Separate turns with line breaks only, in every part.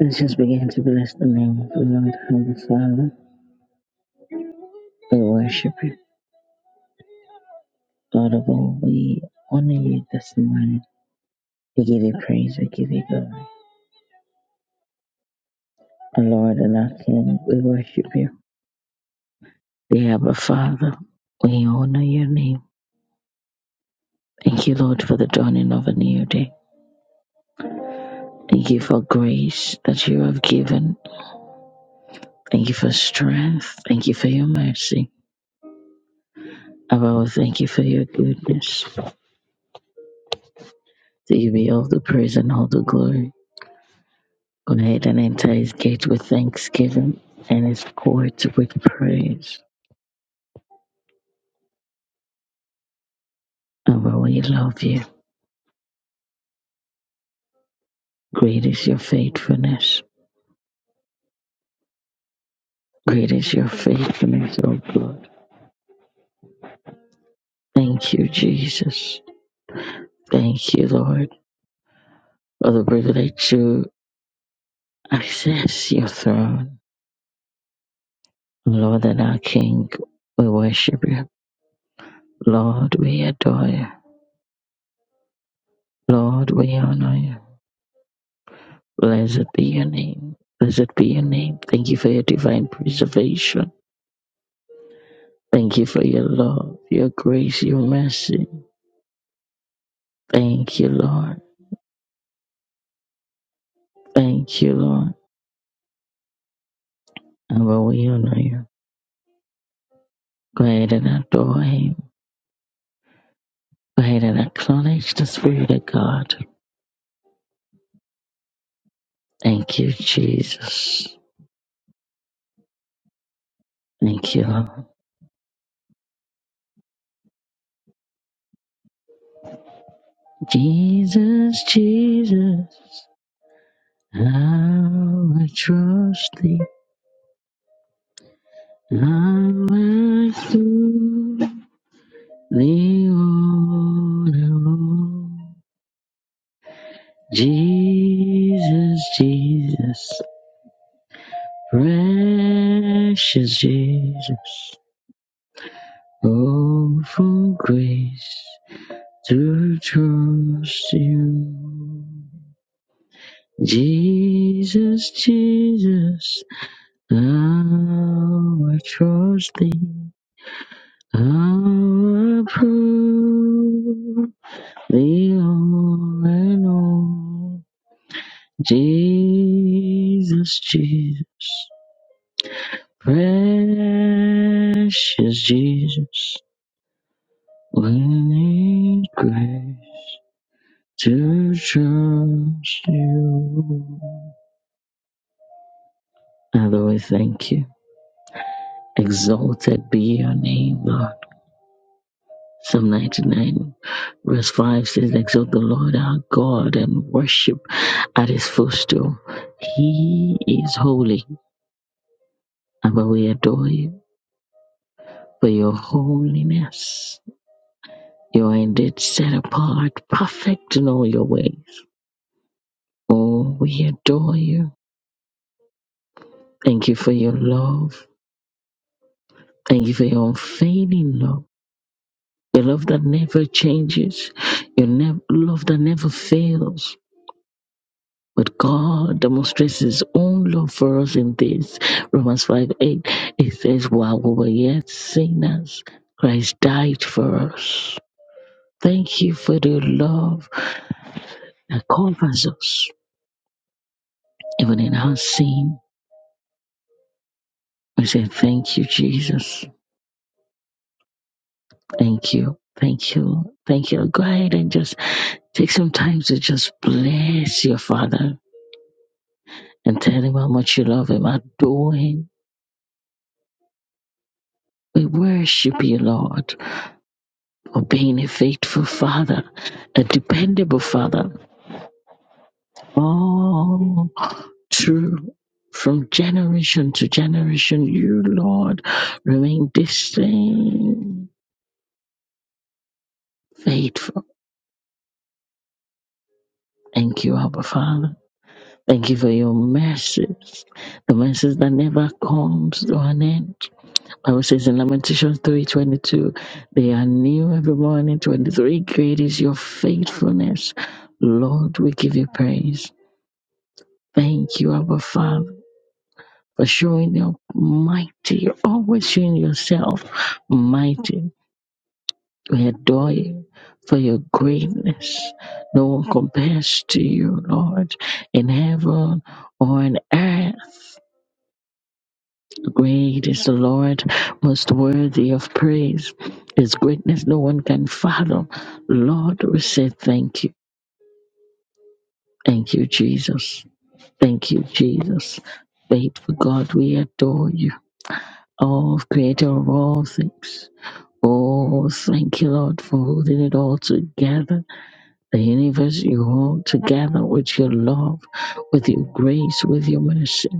Let's just begin to bless the name of the Lord and the Father. We worship you. Lord of all, we honor you this morning. We give you praise, we give you glory. Our Lord and our King, we worship you. The Abba Father, we honor your name. Thank you, Lord, for the dawning of a new day. Thank you for grace that you have given. Thank you for strength. Thank you for your mercy. Abba, we thank you for your goodness. To you be all the praise and all the glory. Go ahead and enter his gates with thanksgiving and his courts with praise. Abba, we love you. Great is your faithfulness. Great is your faithfulness, O God. Thank you, Jesus. Thank you, Lord, for the privilege to access your throne. Lord and our King, we worship you. Lord, we adore you. Lord, we honor you. Blessed be your name. Blessed be your name. Thank you for your divine preservation. Thank you for your love, your grace, your mercy. Thank you, Lord. Thank you, Lord. And Lord, we honor you. Go ahead and adore him. Go ahead and acknowledge the Spirit of God. Thank you, Jesus. Thank you, Lord. Jesus, Jesus, how I will trust thee. i I through thee, O Lord. Jesus, Jesus. Precious Jesus, oh, for grace to trust you. Jesus, Jesus, our trusting, our proof, the all and all. Jesus, Jesus, precious Jesus. When in grace to trust you. Father, we thank you. Exalted be your name, Lord. Psalm 99, verse 5 says, Exalt the Lord our God and worship at his footstool. He is holy, and we adore you for your holiness. You are indeed set apart, perfect in all your ways. Oh, we adore you. Thank you for your love. Thank you for your unfailing love, your love that never changes, your nev- love that never fails. But God demonstrates His own love for us in this. Romans 5 8, it says, While we were yet sinners, Christ died for us. Thank you for the love that covers us, even in our sin. We say, Thank you, Jesus. Thank you. Thank you. Thank you. Go ahead and just take some time to just bless your father and tell him how much you love him. Adore him. We worship you, Lord, for being a faithful father, a dependable father. All true. From generation to generation, you, Lord, remain the same faithful. Thank you, Abba Father. Thank you for your mercies, the mercies that never comes to an end. Bible says in Lamentations three twenty two, they are new every morning. Twenty three, great is your faithfulness, Lord. We give you praise. Thank you, Abba Father, for showing your mighty. You're always showing yourself mighty. We adore you for your greatness. No one compares to you, Lord, in heaven or on earth. Great is the Lord, most worthy of praise. His greatness no one can fathom. Lord, we say thank you. Thank you, Jesus. Thank you, Jesus. Faithful God, we adore you. All creator of all things. Oh, thank you, Lord, for holding it all together. The universe you hold together with your love, with your grace, with your mercy.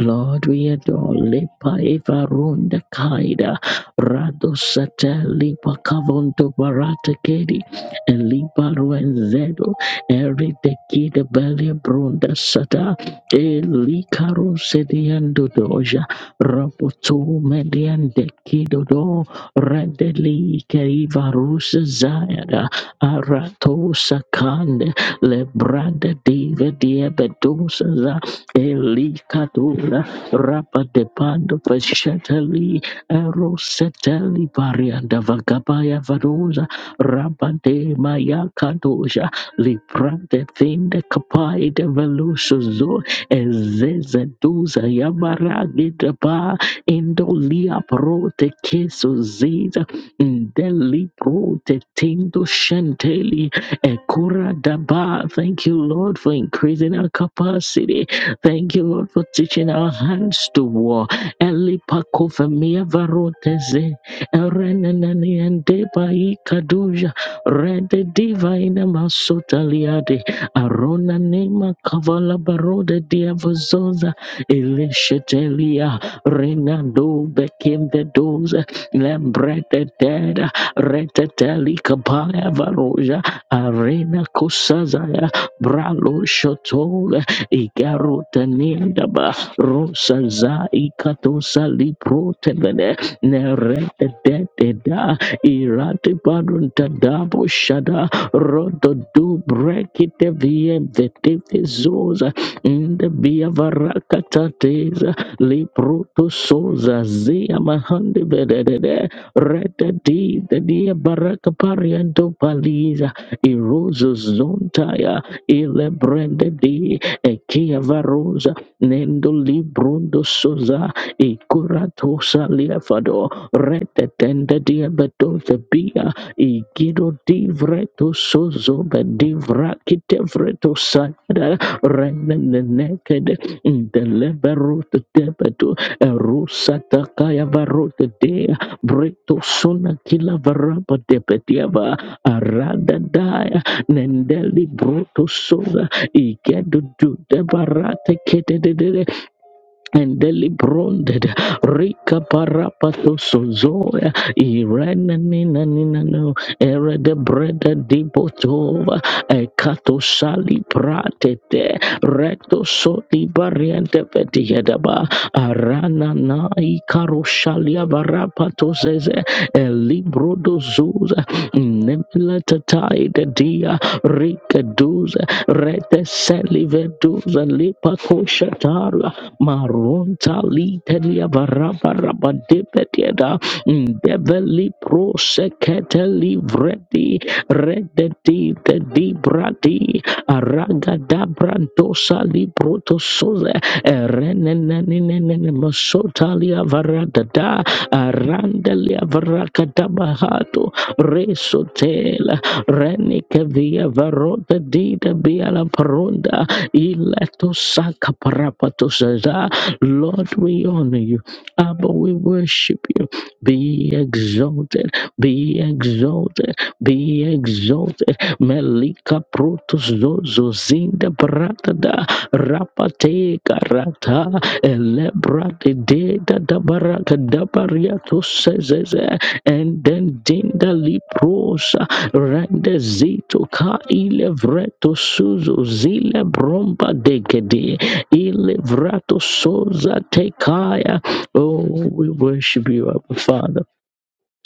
Lord, we adore Lepa Eva Runda Kaida Rado Sata Lipa Kavonto Barata Kedi Elipa Ruenzedo Eri Tekida Belia Brunda Sata Elikaro Sediando Doja Raboto Median Dekido Do Redeli Kaiva Rusa Zayada Arato Sakande Lebrada Diva Diabedosa Elikadura rapa de pando pesheteli eroseteli varianda vagabaya vadoza rapa de maya kadoja liprande thinde kapai de velusuzo ezeze duza yamaragi de ba indolia prote keso ziza indeli prote tindo shenteli ekura daba thank you Lord for increasing our capacity Thank you, Lord, for teaching our hands to war. Elipakofemia varoteze, erenenene endeba ikaduja, rede diva ina masota liade, arona nema kavala barode diavazoza, elishetelia, renando bekembe doza, lembrete deda, reteteli kabaya varoja, arena kosazaya, bralo shoto igaro tenienda ba rosa za ikatosa lipro tebede nerete de de da irate barunta dabo shada rodo du brekite vie vetete zoza inde via varakata teza lipro to soza zia mahande vedede rete di de dia baraka paliza irozo zontaya ile brende di e kia varosa nendo librondo soza e curato saliafado rete tende diabeto bia e gido divreto sozo be divrakite vreto sada rene nekede in the leberut debeto e rusata kaya varot de breto sona kila varaba debetiava arada daya nendeli broto soza Ikedudu debarate kedededede endelibronde rika parapato sozoya irene nina nina no ere de breda di botova ekato sali prate de recto so di variante vediedaba arana na ikaroshalia barapatozeze elibrodozuza nemlatatai dia rikaduza reteseliveduza lipakoshatara maronta litelia barabarabadebedieda ndeveli prosekete livredi rededi de di bradi Aragadabrantosa librotosoze erenenenenene masotalia varadada arandelia varakadabahato resotela renikevia varota dida biala paronda iletosaka parapatosaza. Lord, we honor you. Abba, we worship you. Be exalted, be exalted, be exalted melika protos zozo zinda brata da rapate karata elebra de de da da baraka da bariato sezeze and then dinda liprosa rende zito ka ilevreto suzo zile bromba dekede ilevrato soza tekaya oh we worship you our father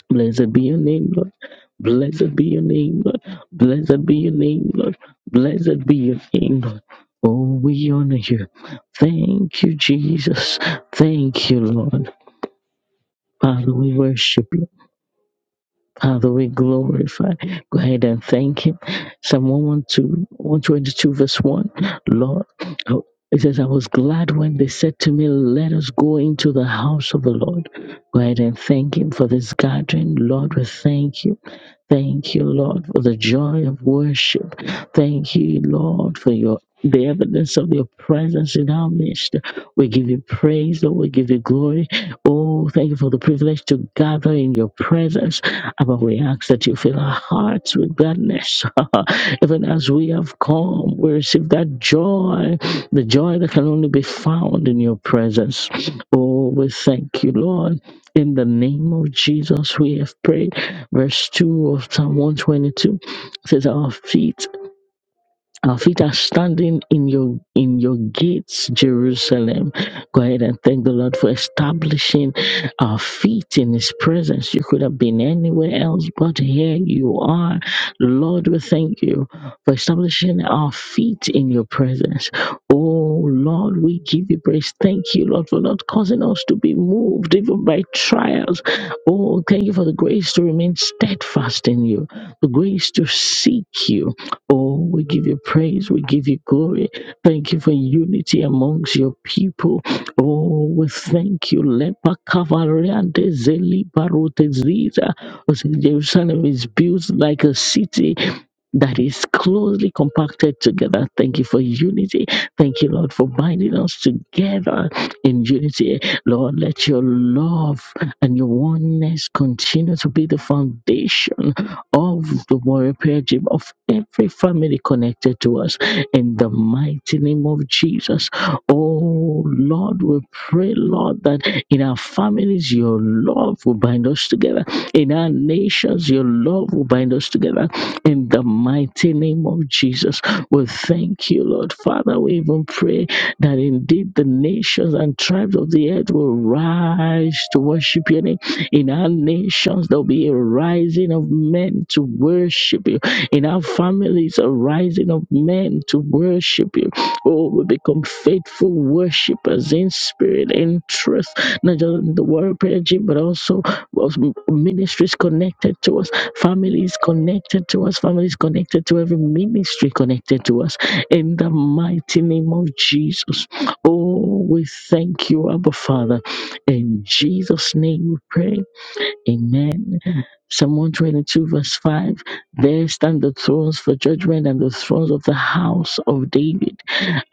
Blessed be your name, Lord. Blessed be your name, Lord. Blessed be your name, Lord. Blessed be your name, Lord. Oh, we honor you. Thank you, Jesus. Thank you, Lord. Father, we worship you. Father, we glorify. Go ahead and thank Him. Psalm one, one, two, one, twenty-two, verse 1. Lord, oh, it says, I was glad when they said to me, Let us go into the house of the Lord. Go ahead and thank Him for this gathering. Lord, we thank you. Thank you, Lord, for the joy of worship. Thank you, Lord, for your the evidence of your presence in our midst. We give you praise, Lord. We give you glory. Oh, thank you for the privilege to gather in your presence. Abba, we ask that you fill our hearts with gladness. Even as we have come, we receive that joy, the joy that can only be found in your presence. Oh, we thank you, Lord. In the name of Jesus, we have prayed. Verse 2 of Psalm 122 says, Our feet our feet are standing in your in your gates, Jerusalem. Go ahead and thank the Lord for establishing our feet in His presence. You could have been anywhere else, but here you are. Lord, we thank you for establishing our feet in your presence. Oh Lord, we give you praise. Thank you, Lord, for not causing us to be moved even by trials. Oh, thank you for the grace to remain steadfast in you, the grace to seek you Oh, we give you praise, we give you glory. Thank you for unity amongst your people. Oh, we thank you. Lepa kavariante zeli barote zida. Oh, so Jerusalem is built like a city that is closely compacted together. Thank you for unity. Thank you, Lord, for binding us together in unity. Lord, let your love and your oneness continue to be the foundation of the warrior prayer gym, of every family connected to us. In the mighty name of Jesus, oh Lord, we pray, Lord, that in our families, your love will bind us together. In our nations, your love will bind us together. In the mighty name of Jesus, we thank you, Lord. Father, we even pray that indeed the nations and tribes of the earth will rise to worship your name. In our nations, there'll be a rising of men to worship you. In our families, a rising of men to worship you. Oh, we become faithful worshipers in spirit, in truth, not just in the word prayer gym, but also of ministries connected to us, families connected to us, families connected to every ministry connected to us. In the mighty name of Jesus. Oh, we thank you, Abba Father. In Jesus' name we pray. Amen. Psalm 122, verse 5. There stand the thrones for judgment and the thrones of the house of David.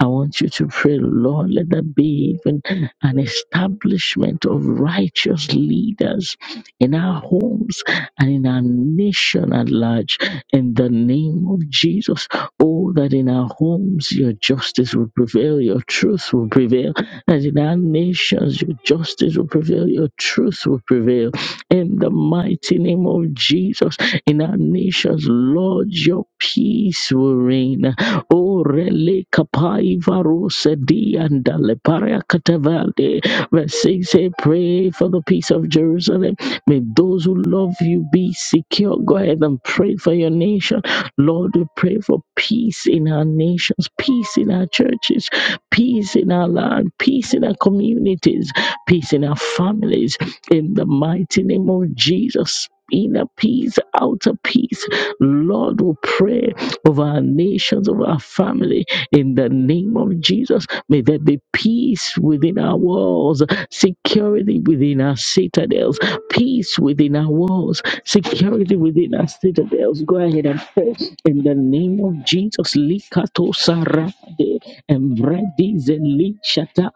I want you to pray, Lord, let there be even an establishment of righteous leaders in our homes and in our nation at large. In the name of Jesus, oh, that in our homes your justice will prevail, your truth will prevail, that in our nations your justice will prevail, your truth will prevail in the mighty name of Jesus. In our nations, Lord, your peace will reign. O rele kapai varose di andale paria katavale. Verse 6 say, Pray for the peace of Jerusalem. May those who love you be secure. Go ahead and pray for your nation. Lord, we pray for peace in our nations, peace in our churches, peace in our land, peace in our communities, peace in our families, in the mighty name of Jesus. Inner peace, outer peace. Lord, we pray over our nations, over our family. In the name of Jesus, may there be peace within our walls security within our citadels, peace within our walls, security within our citadels. Go ahead and pray in the name of Jesus. Likato sarade embredi zelishata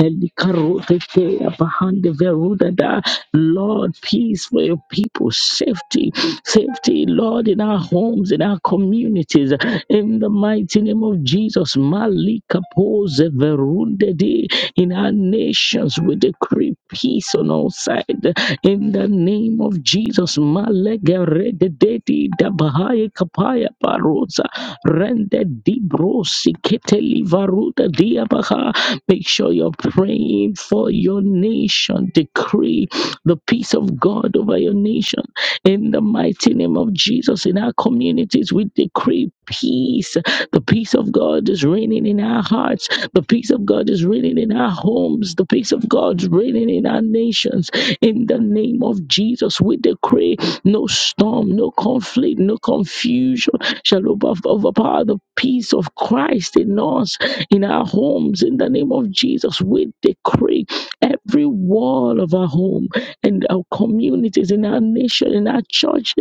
elikarote te abahande veruda da. Lord, peace for your people, safety, safety, Lord, in our homes, in our communities, in the mighty name of Jesus. Malika pose verunde di. In our nations, we decree peace on all sides. In the name of Jesus, Malegeredededi Dabahaye Kapaya Barosa Rende Dibrosi Keteli Varuda Diabaha. Make sure you're praying for your nation. Decree the peace of God over your nation. In the mighty name of Jesus, in our communities, we decree peace. The peace of God is reigning in our hearts the peace of God is reigning in our homes. The peace of God is reigning in our nations. In the name of Jesus, we decree no storm, no conflict, no confusion shall over- overpower the peace of Christ in us, in our homes. In the name of Jesus, we decree every wall of our home and our communities, in our nation, in our churches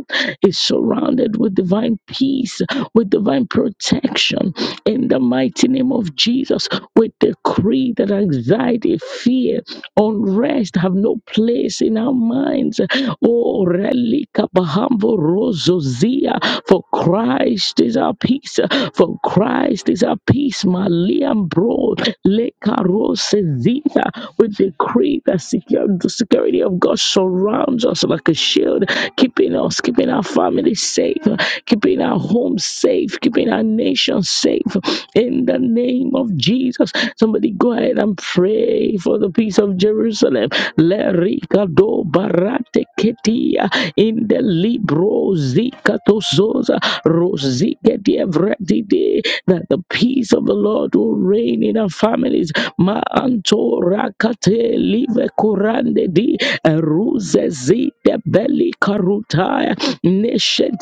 is surrounded with divine peace, with divine protection. In the mighty name of Jesus, we decree that anxiety, fear, unrest have no place in our minds. Oh, relika bahambo rozozia, for Christ is our peace. For Christ is our peace. Maliam bro, leka rosezia. We decree that secure, the security of God surrounds us like a shield, keeping us, keeping our families safe, keeping our homes safe, keeping our nation safe. In in the name of Jesus. Somebody go ahead and pray for the peace of Jerusalem. Lerikado barate ketia in the libro zika zikatozoza rosiketia vretide that the peace of the Lord will reign in our families. Ma antorakate live korande di eruze zite beli karutaya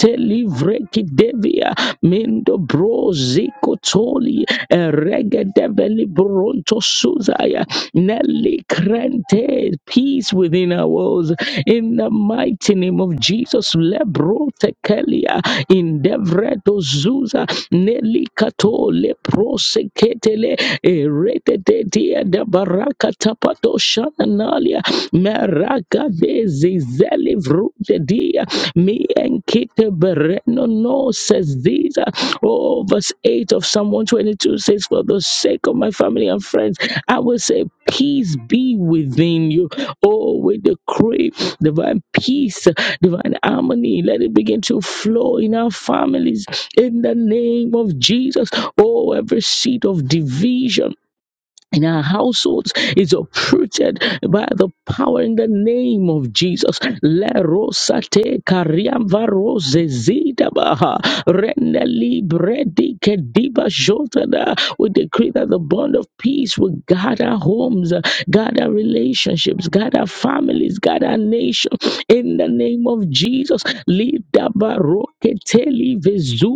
te livre kidevia mendo broziko toli regedeveli bronto suzaya nelly krente peace within our walls in the mighty name of Jesus lebro tekelia indevreto zuza nelly kato lepro seketele eretete dia de baraka tapato shananalia Rakadezi Zelivrude dia me and Kite Bereno no says these uh, oh verse 8 of Psalm 122 says for the sake of my family and friends I will say peace be within you oh we decree divine peace divine harmony let it begin to flow in our families in the name of Jesus oh every seed of division in our households is uprooted by the power in the name of Jesus. Le rosate kariamba rose zidabaha reneli bredi kediba jotada. We decree that the bond of peace will guard our homes, guard our relationships, guard our families, guard our nation. In the name of Jesus, lidaba roketeli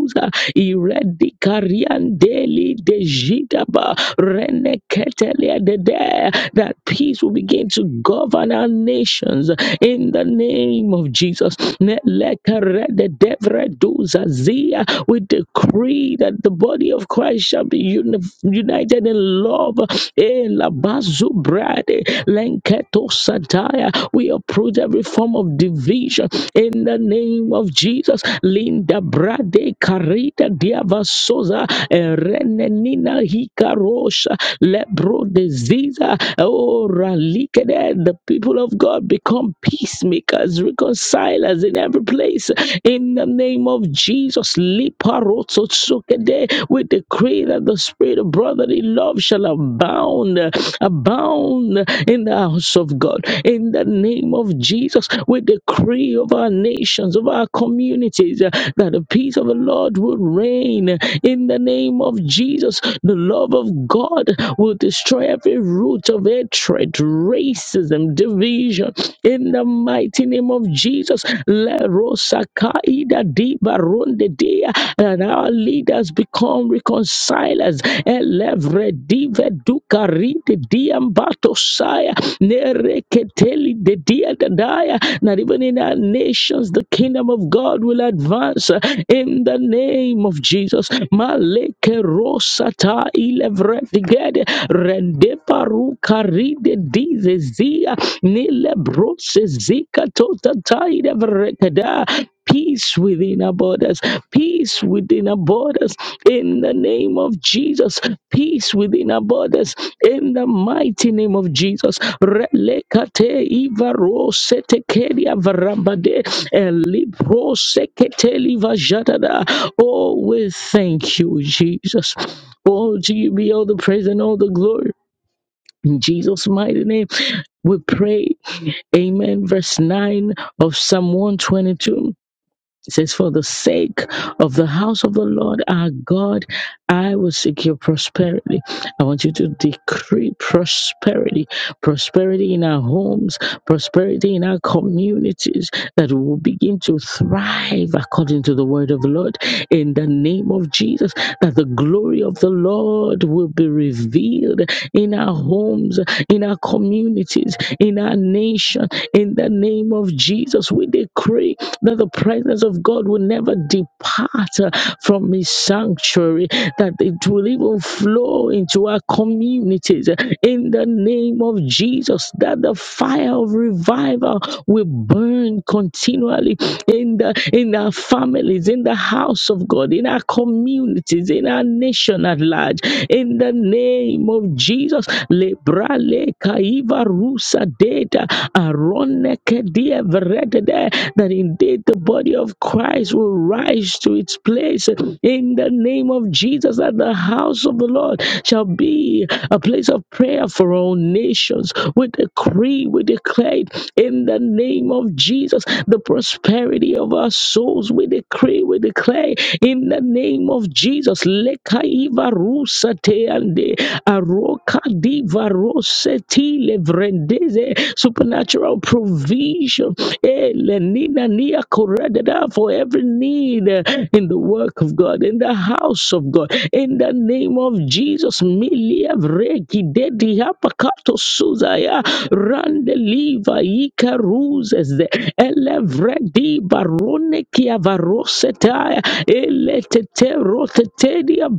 Suza Iredi Kariandeli De Jidaba Rene Ketelia De De that peace will begin to govern our nations in the name of Jesus. Nelekarededevreduzazia. We decree that the body of Christ shall be uni- united in love. Eh, labazubrade, lenketosataya. We uproot every every form of division in the name of Jesus. Linda Brade Carita Diavasosa Renenina Hikarosha Lebro Diseaser Oh Ralikede. The people of God become peacemakers, reconcilers in every place. In the name of Jesus, Liparotso Tsukede, we decree that the spirit of brotherly love shall abound abound, abound in the house of God. In the name of Jesus, we decree of our nations, of our communities, uh, that the peace of the Lord will reign. In the name of Jesus, the love of God will destroy every root of hatred, racism, division. In the mighty name of Jesus, Le Rosa Di Baronde Dea, that our leaders become reconcilers. Elevre dive duca rite diambato batosaya, nere keteli de dia dadaya, That even in our nations, the kingdom of God will advance uh, in the name of Jesus. Maleke rosata ilevre digede, rende paruka ride dizezia, nile brosezia Peace within our borders, peace within our borders, in the name of Jesus, peace within our borders, in the mighty name of Jesus. Relekate ivaro setekeria varambade, elibro seketeli vajadada. Oh, we thank you, Jesus. Oh, to you be all the praise and all the glory. In Jesus' mighty name, we pray Amen. Verse 9 of Psalm 122. It says, For the sake of the house of the Lord our God, I will secure prosperity. I want you to decree prosperity, prosperity in our homes, prosperity in our communities, that we will begin to thrive according to the word of the Lord in the name of Jesus, that the glory of the Lord will be revealed in our homes, in our communities, in our nation, in the name of of Jesus, we decree that the presence of God will never depart uh, from His sanctuary, that it will even flow into our communities uh, in the name of Jesus, that the fire of revival will burn continually in the in our families, in the house of God, in our communities, in our nation at large. In the name of Jesus, Lebra le Rusa Data, Aronekedia Veredede, that indeed the body of Christ will rise to its place in the name of Jesus, that the house of the Lord shall be a place of prayer for all nations. We decree, we declare it in the name of Jesus, the prosperity of our souls. We decree, we declare in the name of Jesus. Lekaiva rusa teande, Roka diva roseti levrendeze supernatural provision Eh, lenina nia koredada for every need eh, in the work of God, in the house of God, in the name of Jesus. Milia vreki dedi apakato suzaya randeliva ikaruzes elevredi barone kia varosetaya elete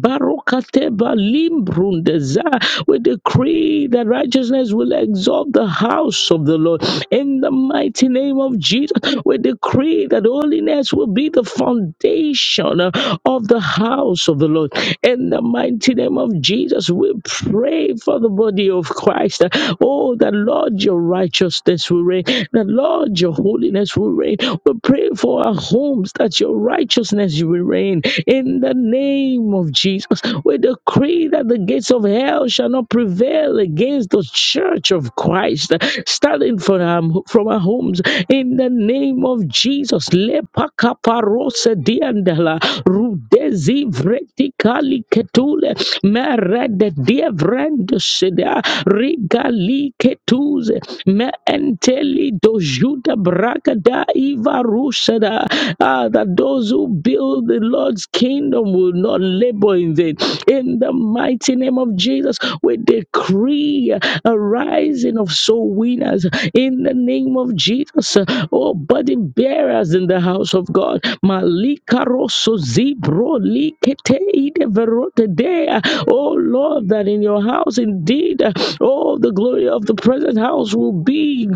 barokateba limbrundeza. We decree that righteousness will exalt the house of the Lord. In the mighty name of Jesus, we decree that holiness will be the foundation uh, of the house of the Lord. In the mighty name of Jesus, we pray for the body of Christ. Oh, that Lord, your righteousness will reign. That Lord, your holiness will reign. We pray for our homes that your righteousness righteousness you will reign in the name of Jesus. We decree that the gates of hell shall not prevail against the church of Christ standing from our, from our homes in the name of Jesus. Lepakaparose diandala, rudezi vretikali ketule, merede dievrendosida, rigali ketuze, me enteli dojuda bragada i Ivarushada. Ah, that those who build the Lord's kingdom will not labor in vain. In the mighty name of Jesus, we decree a rising of soul winners in the name of Jesus. Oh, burden bearers in the house of God. Malika rosso zibro likete ide verote dea. Oh Lord, that in your house indeed, oh, the glory of the present house will be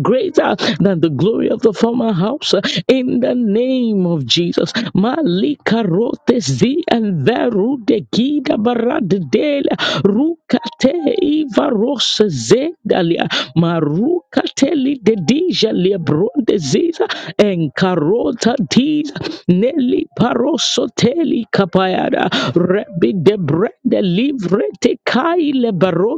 greater than the glory of the former house uh, in the name of Jesus. Malika rote zi and veru de gida barad del rukate iva ros zedalia marukate li de dija lebronde ziza en karota tiza neli parosoteli kapayada rebi de brede livre te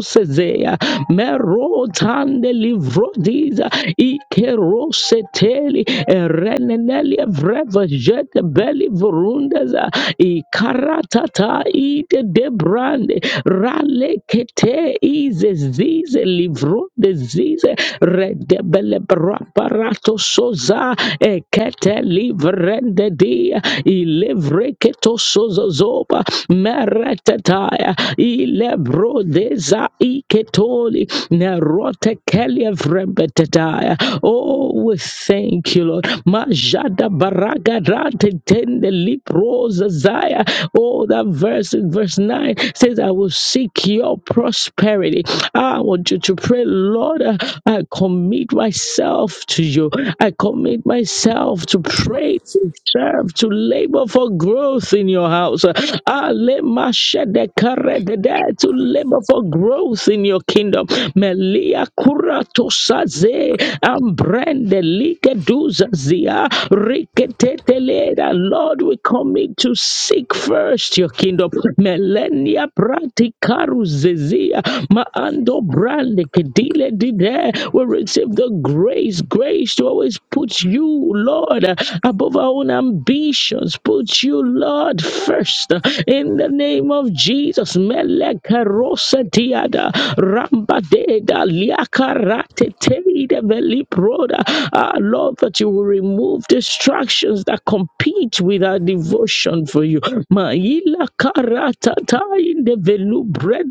Zea, Merotande Livrodiza, Ikeroseteli, Ereneneli Evreva Jet Belli Vorundaza, Ikaratata Ide Debrande, ralekete Kete Ize Zize Livro de Zize, Redebele Braparato Soza, Ekete Livrende Dia, Ilevreketo Sozozoba, meretetaya ilebro deza iketoli nerote kelievrembetetaya. Oh, we thank you, Lord. Majada baraga rate tende liprosa zaya. Oh, that verse in verse 9 says, I will seek your prosperity. I want you to pray, Lord, I commit myself to you. I commit myself to pray serve, to labor for growth in your house. Ah, lemashedekaredede, To labor for growth in your kingdom. Melia kuratosaze, ambrende likeduzazia, riketeteleda. Lord, we commit to seek first your kingdom. Melenia pratikaruzezia, maando brande kedile dide. We receive the grace, grace to always Put you, Lord, above our own ambitions. Put you, Lord, first. In the name of Jesus. Meleke rosa tiada. Ramba deda liaka rate teide veli proda. Ah, Lord, that you will remove distractions that compete with our devotion for you. Maila karata in the velu bread.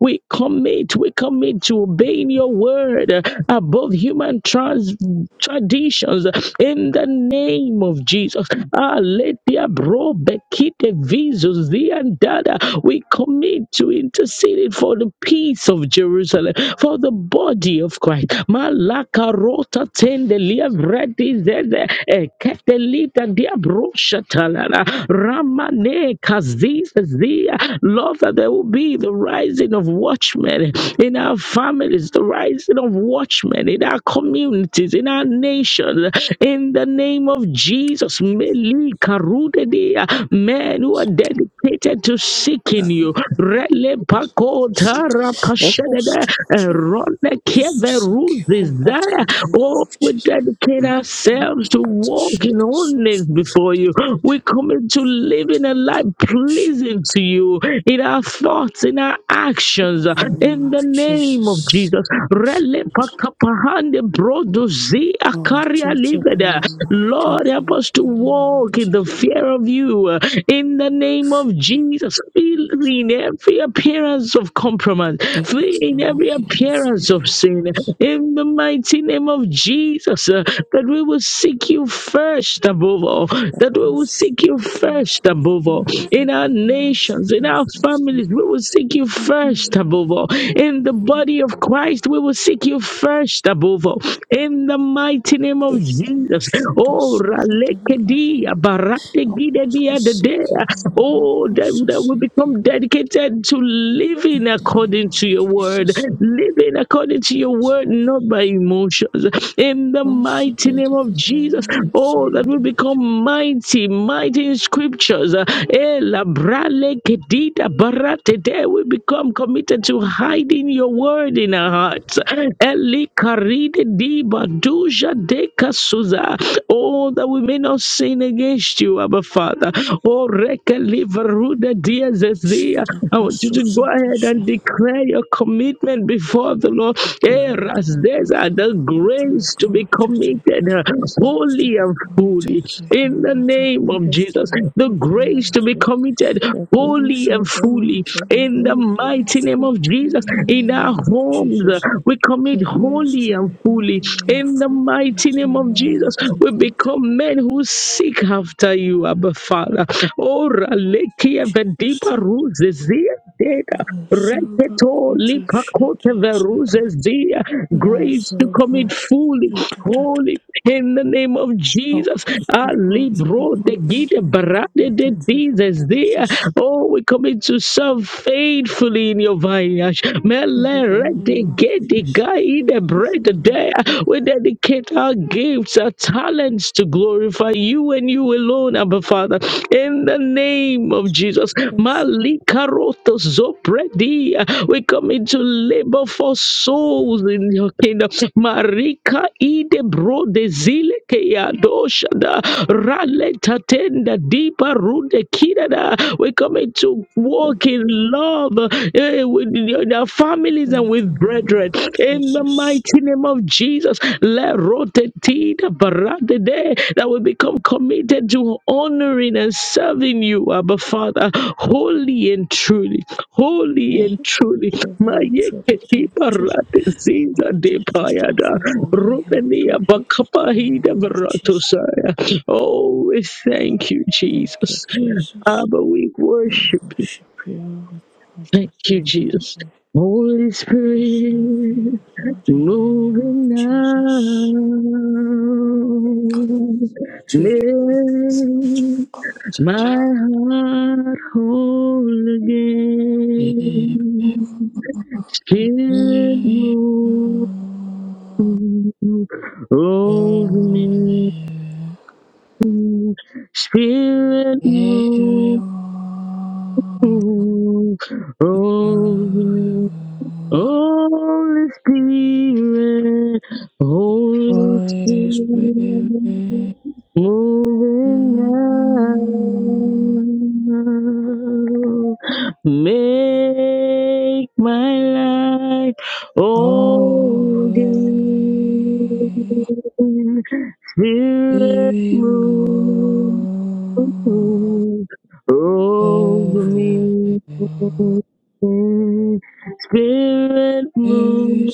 We commit, we commit to obeying your word above human trans- traditions in the name of Jesus. Ah, let their bro bekite visus the andada. We commit to interceding for the peace of Jerusalem, for the body of Christ. Malaka rota tende lia vredi zeze eketelita dia brosha talana ramane kazis zia. Lord, that there will be the rising of watchmen in our families, the rising of watchmen in our communities, in our nations, in the name of Jesus. Meli karude dea, Men who are dedicated to seeking
that
you. Rele pakota
seek every
rakashedede,
structure
erone
seek you, O Lord, in the
keveruzizaya.
name
Oh,
of
we
Jesus.
dedicate
My soul,
ourselves to
but I shed
walking
the
on this
source
before you. We commit to living a life pleasing to you in our thoughts, in our actions, uh,
in the name
in the
of
name of
Jesus.
Jesus. Rele pakapahande brodozi
Our
akaria
total
liveda.
mind, dear
Lord, help us
God,
to
in the name of
walk in the
Jesus.
fear of you. uh, In the name of Jesus, fill in every appearance of compromise,
Take
fill
us to
in every
walk in your
appearance of sin.
fears.
In the mighty name of Jesus, uh, that we will seek you first above all, that we will
Because
seek you
it will
first above all above
pursue
all.
us
In
if
our
we do not seek
nations, in
you
our
can secure first, O
families, we will seek you
Lord.
first above all. In the body of Christ, we will seek you first above all. In the mighty name of
It's a
Jesus.
much that
Oh,
source of the Lord.
Ralekedia, Barategidedia,
Apostasy,
Dedea. oh, that, that we
apostasy.
become dedicated to living
In the
according
name
to
of
your word,
Jesus, Lord.
living according to your word, not by emotions. In the
Also
mighty name of
dedicate our
Jesus,
lives to
oh, that
you,
we
Lord.
become mighty, mighty scriptures. Uh, eh, la brale kedida barate de. We become committed to hiding your word in our hearts. Eli karide di baduja de kasuza. Oh, that we may not sin against you, Abba Father. Oh, reke liveruda
Should
diazezia.
the
I want you to
vessels
go
of the
ahead and
ship
declare your commitment before the Lord.
be
Eh,
all the
Rasdeza, The
vessels to be
grace to be
committed to you.
committed, Father,
The grace to
wholly
be
and
committed
fully
to you,
in the
Lord. The
name of
grace to
Jesus. The
behold you
grace
and
to be
to
committed
the
wholly
grace
and
of the
fully
Lord to
in the
behold you and
mighty name
food
of
you
Jesus.
in the
In our
name of
homes,
Jesus.
we commit
Praise
wholly
to
and
the
fully
Holy
in the
Alpha,
mighty
praise to you,
name of Jesus.
Almighty
We
God.
become men who seek after you, Abba Father. Oh, Ralekia
Jesus,
Vedipa Ruzizia dega
Samba
reketo
Kota
lipakote
Shati Sada,
veruzes dia grace to commit
Lazova
fully
Shata Tata
holy
Tata.
in the name of
Help
Jesus
us, O
ali
Lord, to be
bro de gide
completely and
barade de
committed to
dizes
you,
dia
Jesus.
oh we commit to serve faithfully in your vineyard mele
In the
rede
name of
gede
Jesus,
gaide
help us, O
bread
Lord,
there we dedicate our gifts our talents to glorify you and you alone Abba Father in the name of Jesus
precious
Malika zopredi. We come into labor for souls in your kingdom. Marika ide bro de zile ke ya dosha da rale tatenda deeper rude kida da. We come into
Lord.
walk in love eh, with our families and
in the
with brethren
name of
in the
Jesus.
mighty name of Jesus. Le rote tida barade de that we become committed to honoring and serving you, Abba Father, wholly and truly holy
Thank
and
you,
truly.
truly, truly to you, Jesus.
Mayekehibarate zinda de
just just have
payada.
your holy hand
Rumenia
truly in the
bakapahida
name of Jesus.
baratosaya. Oh, we thank you,
Thank you,
Jesus.
Jesus.
Abba, we
We
worship you.
worship you, we commit
Thank you,
ourselves and
Jesus.
say
Holy
to serve
Spirit.
you, Lord, in the name of
Moving
Jesus.
on,
To
make my heart whole
give
again. Spirit
every morning,
move over me. Spirit
every
move over me.
morning,
Holy Spirit, Holy Spirit,
always
moving
Holy Spirit, move
now. Make my life
over
whole
me.
again. Spirit
Spirit
move.
move
Mm, over
over me.
me. Spirit move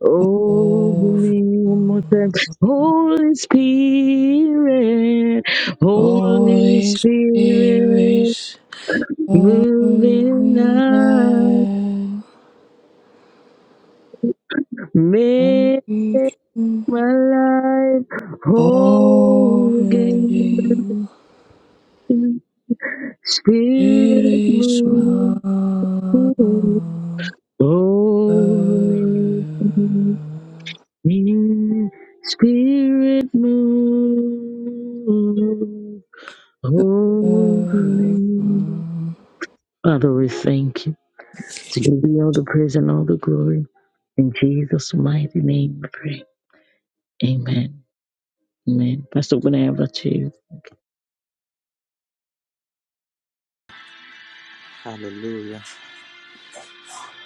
over me one more time. Holy Spirit, Holy Spirit, moving
holy
now.
night,
Make my life whole
over
again.
thee. It
Spirit
is my
move. Oh, me, spirit move. Oh, me. Father, we thank you. To give you all the praise and all the glory. In Jesus' mighty name we pray. Amen. Amen. Pastor, when I have achieved.
Hallelujah.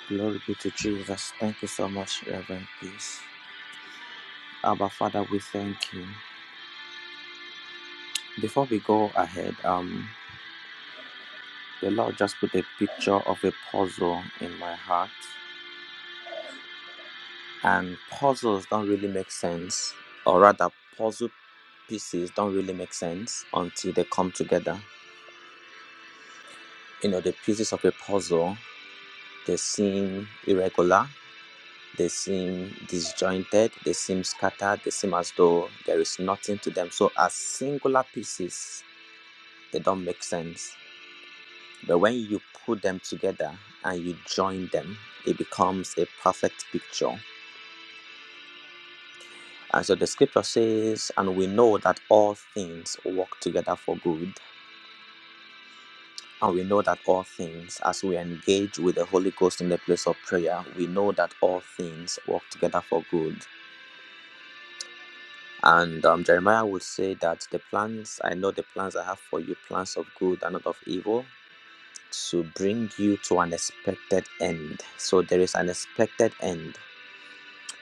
Glory be to Jesus. Thank you so much, Reverend Peace. Abba Father, we thank you. Before we go ahead, um, the Lord just put a picture of a puzzle in my heart. And puzzles don't really make sense, or rather, puzzle pieces don't really make sense until they come together. You know, the pieces of a puzzle, they seem irregular They seem disjointed, they seem scattered, they seem as though there is nothing to them. So, as singular pieces, they don't make sense. But when you put them together and you join them, it becomes a perfect picture. And so the scripture says, And we know that all things work together for good. And we know that all things, as we engage with the Holy Ghost in the place of prayer, we know that all things work together for good. And um, Jeremiah would say that the plans, I know the plans I have for you, plans of good and not of evil, to bring you to an expected end. So there is an expected end.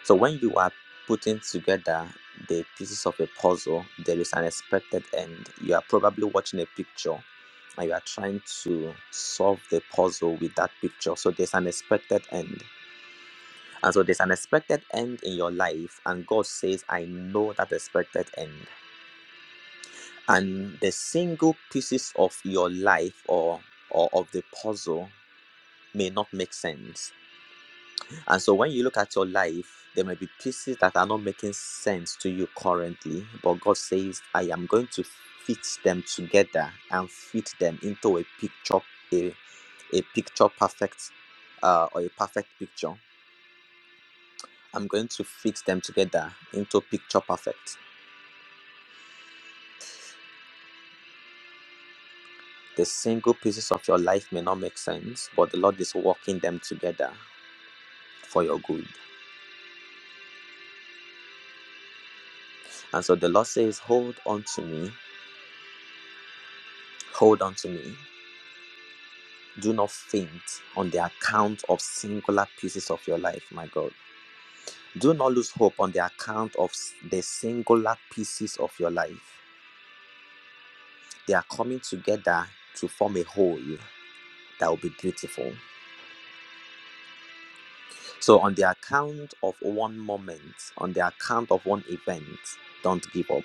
So when you are putting together the pieces of a puzzle, there is an expected end. You are probably watching a picture and you are trying to solve the puzzle with that picture. So there's an expected end. And so there's an expected end in your life, and God says, I know that expected end. and the single pieces of your life or or of the puzzle may not make sense and so when you look at your life there may be pieces that are not making sense to you currently but god says i am going to fit them together and fit them into a picture a, a picture perfect uh, or a perfect picture i'm going to fit them together into picture perfect the single pieces of your life may not make sense but the lord is working them together for your good. And so the Lord says, Hold on to me, hold on to me. Do not faint on the account of singular pieces of your life, my God. Do not lose hope on the account of s- the singular pieces of your life. They are coming together to form a whole that will be beautiful. So, on the account of one moment, on the account of one event, don't give up.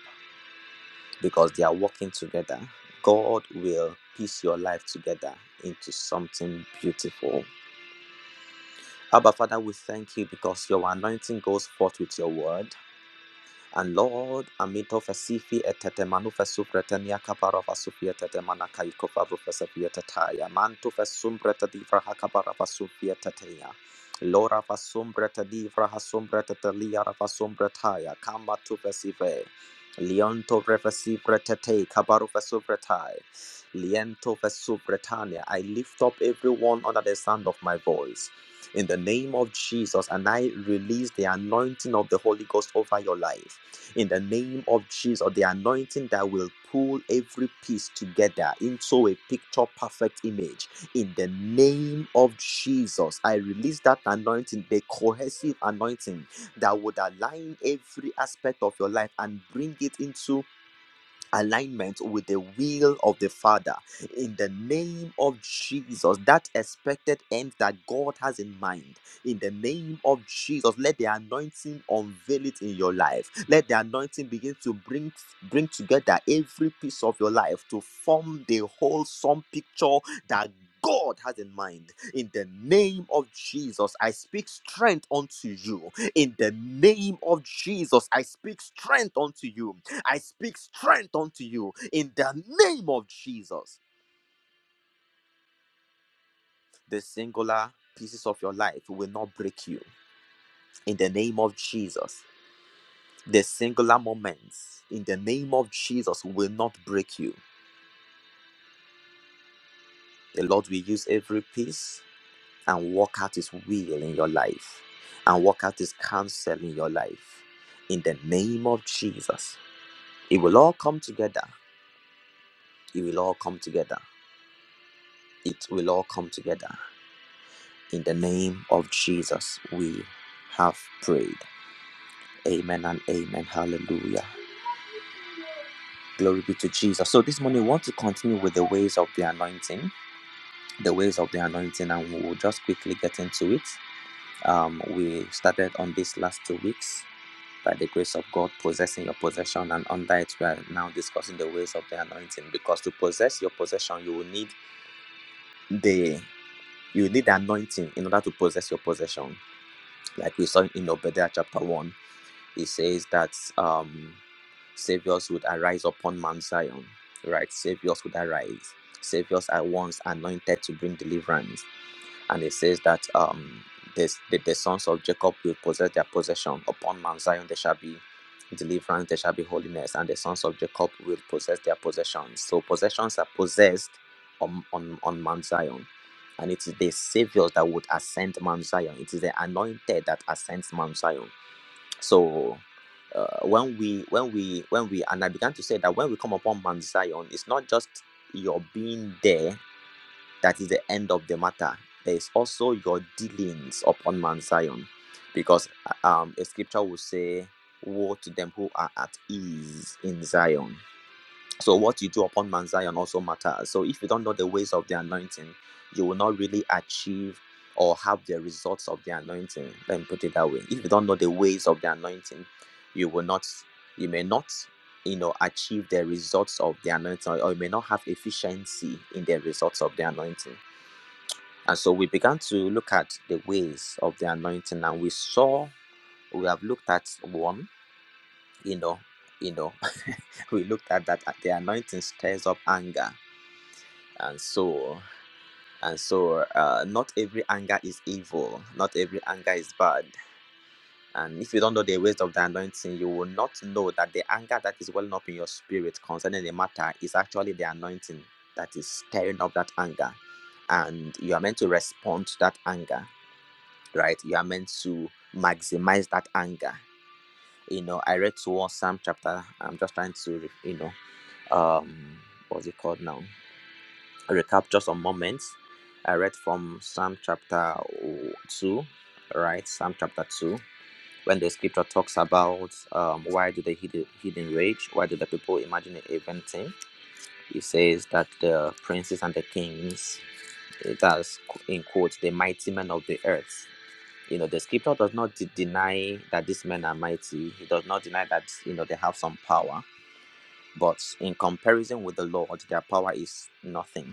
because they are working together. God will piece your life together into something beautiful. Abba, Father, we thank you because your anointing goes forth with your word. And Lord, amito fasifi etete manu fesupretenia kapara fasufia tete mana kaiko faru fesafia tetaya. Mantu fesumbreta divra hakabara fasufia teteya. Lora fasumbreta divra hasumbreta telia rafasumbretaya. Kamba tu fesive. Lionto refesivretete kabaru fesuvretai. Liento vesuvretania. I lift up everyone under the sound of my voice in the name of Jesus, and I release the anointing of the Holy Ghost over your life in the name of Jesus, or the anointing that will pull every piece together into a picture perfect image. In the name of Jesus, I release that anointing, the cohesive anointing that would align every aspect of your life and bring it into alignment with the will of the Father in the name of Jesus. That expected end that God has in mind in the name of Jesus. Let the anointing unveil it in your life. Let the anointing begin to bring bring together every piece of your life to form the wholesome picture that. God has in mind. In the name of Jesus, I speak strength unto you. In the name of Jesus, I speak strength unto you I speak strength unto you in the name of Jesus. The singular pieces of your life will not break you in the name of Jesus. The singular moments in the name of Jesus will not break you. The Lord will use every piece and work out His will in your life and work out His counsel in your life in the name of Jesus. It will all come together. It will all come together. It will all come together In the name of Jesus, we have prayed. Amen and amen. Hallelujah. Glory be to Jesus. So this morning, we want to continue with the ways of the anointing, the ways of the anointing, and we will just quickly get into it. Um, we started on this last two weeks by the grace of God, possessing your possession, and under it, we are now discussing the ways of the anointing. Because to possess your possession, you will need the you need the anointing in order to possess your possession, like we saw in Obadiah chapter one It says that um, saviors would arise upon Mount Zion, right? Saviors would arise. Saviors are once anointed to bring deliverance, and it says that um, this, the, the sons of Jacob will possess their possession upon Mount Zion. There shall be deliverance, there shall be holiness, and the sons of Jacob will possess their possessions. So possessions are possessed on on, on Mount Zion. And it is the saviors that would ascend Mount Zion. It is the anointed that ascends Mount Zion so uh, when we when we when we and I began to say that when we come upon Mount Zion, it's not just your being there that is the end of the matter. There is also your dealings upon Mount Zion, because uh, um, a scripture will say, "Woe to them who are at ease in Zion." So what you do upon Mount Zion also matters. So if you don't know the ways of the anointing, you will not really achieve or have the results of the anointing. Let me put it that way. If you don't know the ways of the anointing, you will not, you may not, you know, achieve the results of the anointing, or you may not have efficiency in the results of the anointing. And so we began to look at the ways of the anointing, and we saw we have looked at one, you know, you know, we looked at that uh, the anointing stirs up anger and so and so uh, not every anger is evil not every anger is bad and if you don't know the ways of the anointing you will not know that the anger that is welling up in your spirit concerning the matter is actually the anointing that is stirring up that anger and you are meant to respond to that anger right you are meant to maximize that anger you know i read towards psalm chapter i'm just trying to you know um what's it called now recap just some moments. I read from Psalm chapter 2, right? Psalm chapter 2, when the scripture talks about um, why do the hidden, hidden rage? Why do the people imagine it inventing? It says that the princes and the kings, it has, in quotes, the mighty men of the earth. You know, the scripture does not de- deny that these men are mighty. It does not deny that, you know, they have some power. But in comparison with the Lord, their power is nothing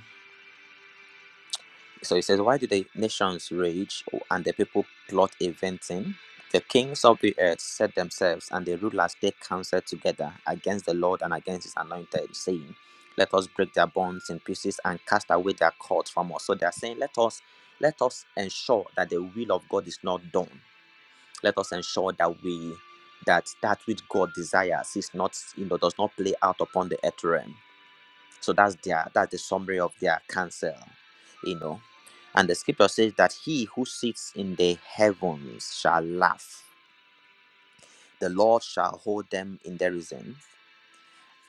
So he says, Why do the nations rage and the people plot a vain thing? The kings of the earth set themselves, and the rulers take counsel together against the Lord and against his anointed, saying, Let us break their bonds in pieces and cast away their cords from us. So they are saying, Let us let us ensure that the will of God is not done. Let us ensure that we that that which God desires is not, you know, does not play out upon the earth realm so that's their that's the summary of their counsel, you know. And the scripture says that he who sits in the heavens shall laugh. The Lord shall hold them in derision.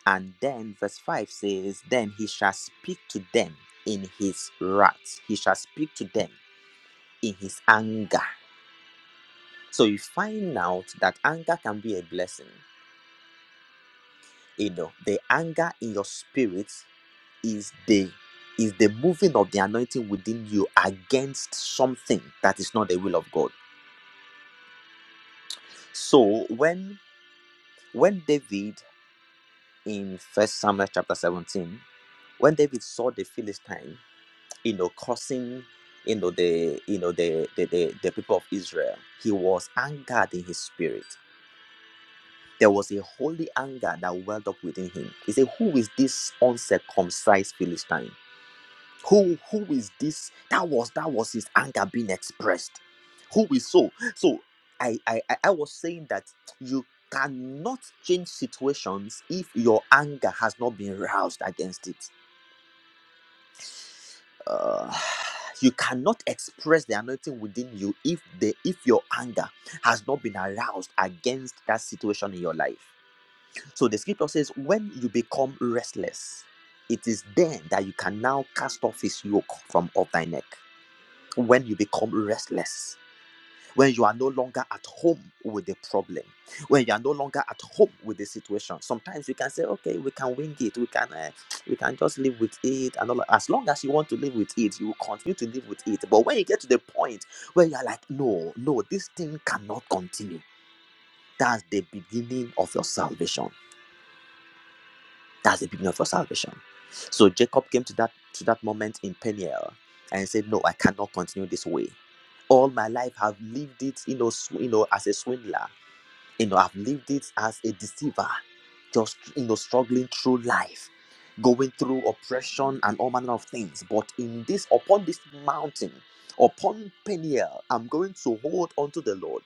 And then verse 5 says, Then he shall speak to them in his wrath. He shall speak to them in his anger. So you find out that anger can be a blessing. You know, the anger in your spirit is the is the moving of the anointing within you against something that is not the will of god so when when david in first samuel chapter 17 when david saw the philistine you know cursing you know the you know the the, the, the people of israel he was angered in his spirit there was a holy anger that welled up within him. He said, Who is this uncircumcised Philistine? who who is this that was that was his anger being expressed who is so so i i i I was saying that you cannot change situations if your anger has not been roused against it uh, you cannot express the anointing within you if the if your anger has not been aroused against that situation in your life so the scripture says when you become restless it is then that you can now cast off his yoke from off thy neck when you become restless, when you are no longer at home with the problem, when you are no longer at home with the situation. Sometimes you can say, "Okay, we can wing it. We can, uh, we can just live with it." And all that. as long as you want to live with it, you will continue to live with it. But when you get to the point where you are like, "No, no, this thing cannot continue," that's the beginning of your salvation That's the beginning of your salvation. So Jacob came to that to that moment in Peniel and said, "No, I cannot continue this way. All my life I've lived it, you know, sw- you know, as a swindler. You know, I've lived it as a deceiver, just you know, struggling through life, going through oppression and all manner of things. But in this, upon this mountain, upon Peniel, I'm going to hold on to the Lord."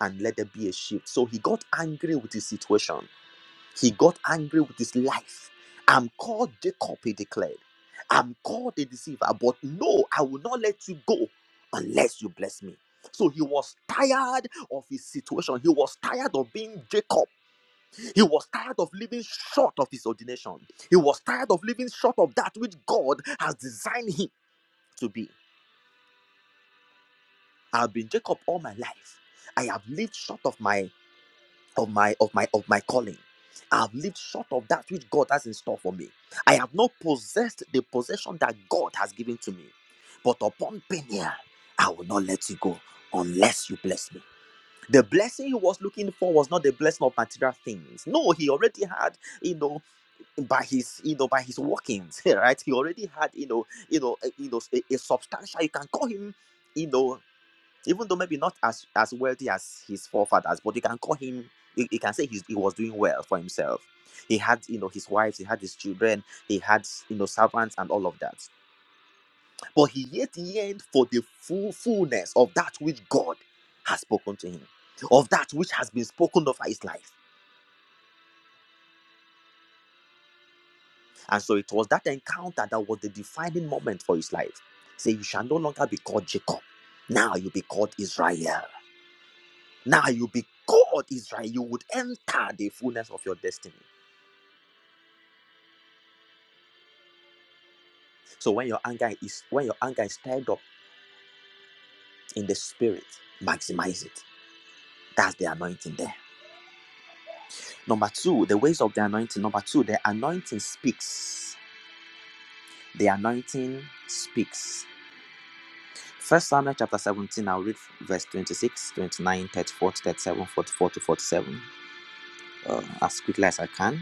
And let there be a shift. So he got angry with his situation he got angry with his life. I'm called Jacob, he declared. I'm called a deceiver, but no, I will not let you go unless you bless me. So he was tired of his situation. He was tired of being Jacob. He was tired of living short of his ordination. He was tired of living short of that which God has designed him to be. I've been Jacob all my life. I have lived short of my of my of my of my calling i have lived short of that which god has in store for me i have not possessed the possession that god has given to me but upon penia i will not let you go unless you bless me the blessing he was looking for was not the blessing of material things no he already had you know by his you know by his workings right he already had you know you know a- you know a, a substantial you can call him you know even though maybe not as as wealthy as his forefathers, but you can call him. You, you can say he's, he was doing well for himself. He had, you know, his wives, he had his children, he had, you know, servants and all of that. But he yet yearned for the full fullness of that which God has spoken to him, of that which has been spoken of his life. And so it was that encounter that was the defining moment for his life. Say, you shall no longer be called Jacob. Now you be called Israel. Now you be God Israel, you would enter the fullness of your destiny. So when your anger is when your anger is stirred up in the spirit, maximize it. That's the anointing there. Number two, the ways of the anointing. Number two, the anointing speaks. The anointing speaks. First Samuel chapter 17, I'll read verse 26, 29, 34, 37, 44 to 47 uh, as quickly as I can.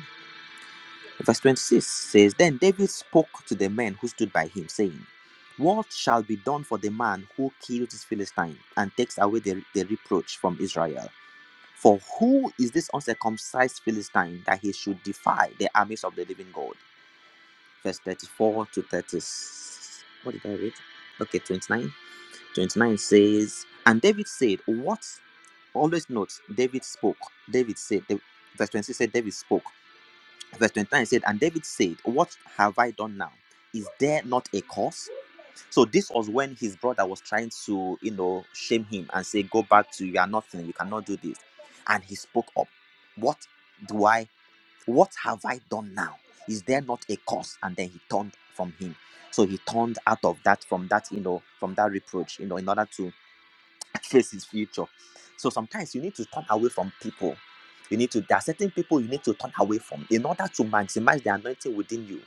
Verse 26 says, Then David spoke to the men who stood by him, saying, What shall be done for the man who killed this Philistine and takes away the, the reproach from Israel? For who is this uncircumcised Philistine that he should defy the armies of the living God? Verse 34 to 30. What did I read? Okay, 29. 29 says, And David said, What? Always note, David spoke. David said, the- verse 26 said, David spoke verse 29 said and david said what have i done now is there not a cause so this was when his brother was trying to you know shame him and say go back to you are nothing you cannot do this and he spoke up what do i what have i done now is there not a cause and then he turned from him so he turned out of that from that you know from that reproach you know in order to face his future. So sometimes you need to turn away from people. You need to, there are certain people you need to turn away from in order to maximize the anointing within you.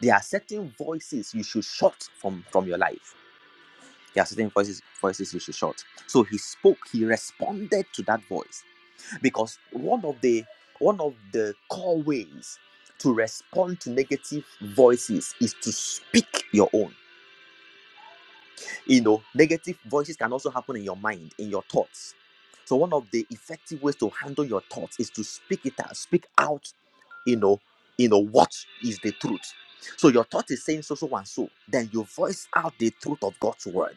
There are certain voices you should shut from, from your life. There are certain voices, voices you should shut. So he spoke, he responded to that voice. Because one of the one of the core ways to respond to negative voices is to speak your own. you know negative voices can also happen in your mind in your thoughts so one of the effective ways to handle your thoughts is to speak it out speak out you know you know what is the truth so your thought is saying so so and so then you voice out the truth of god's word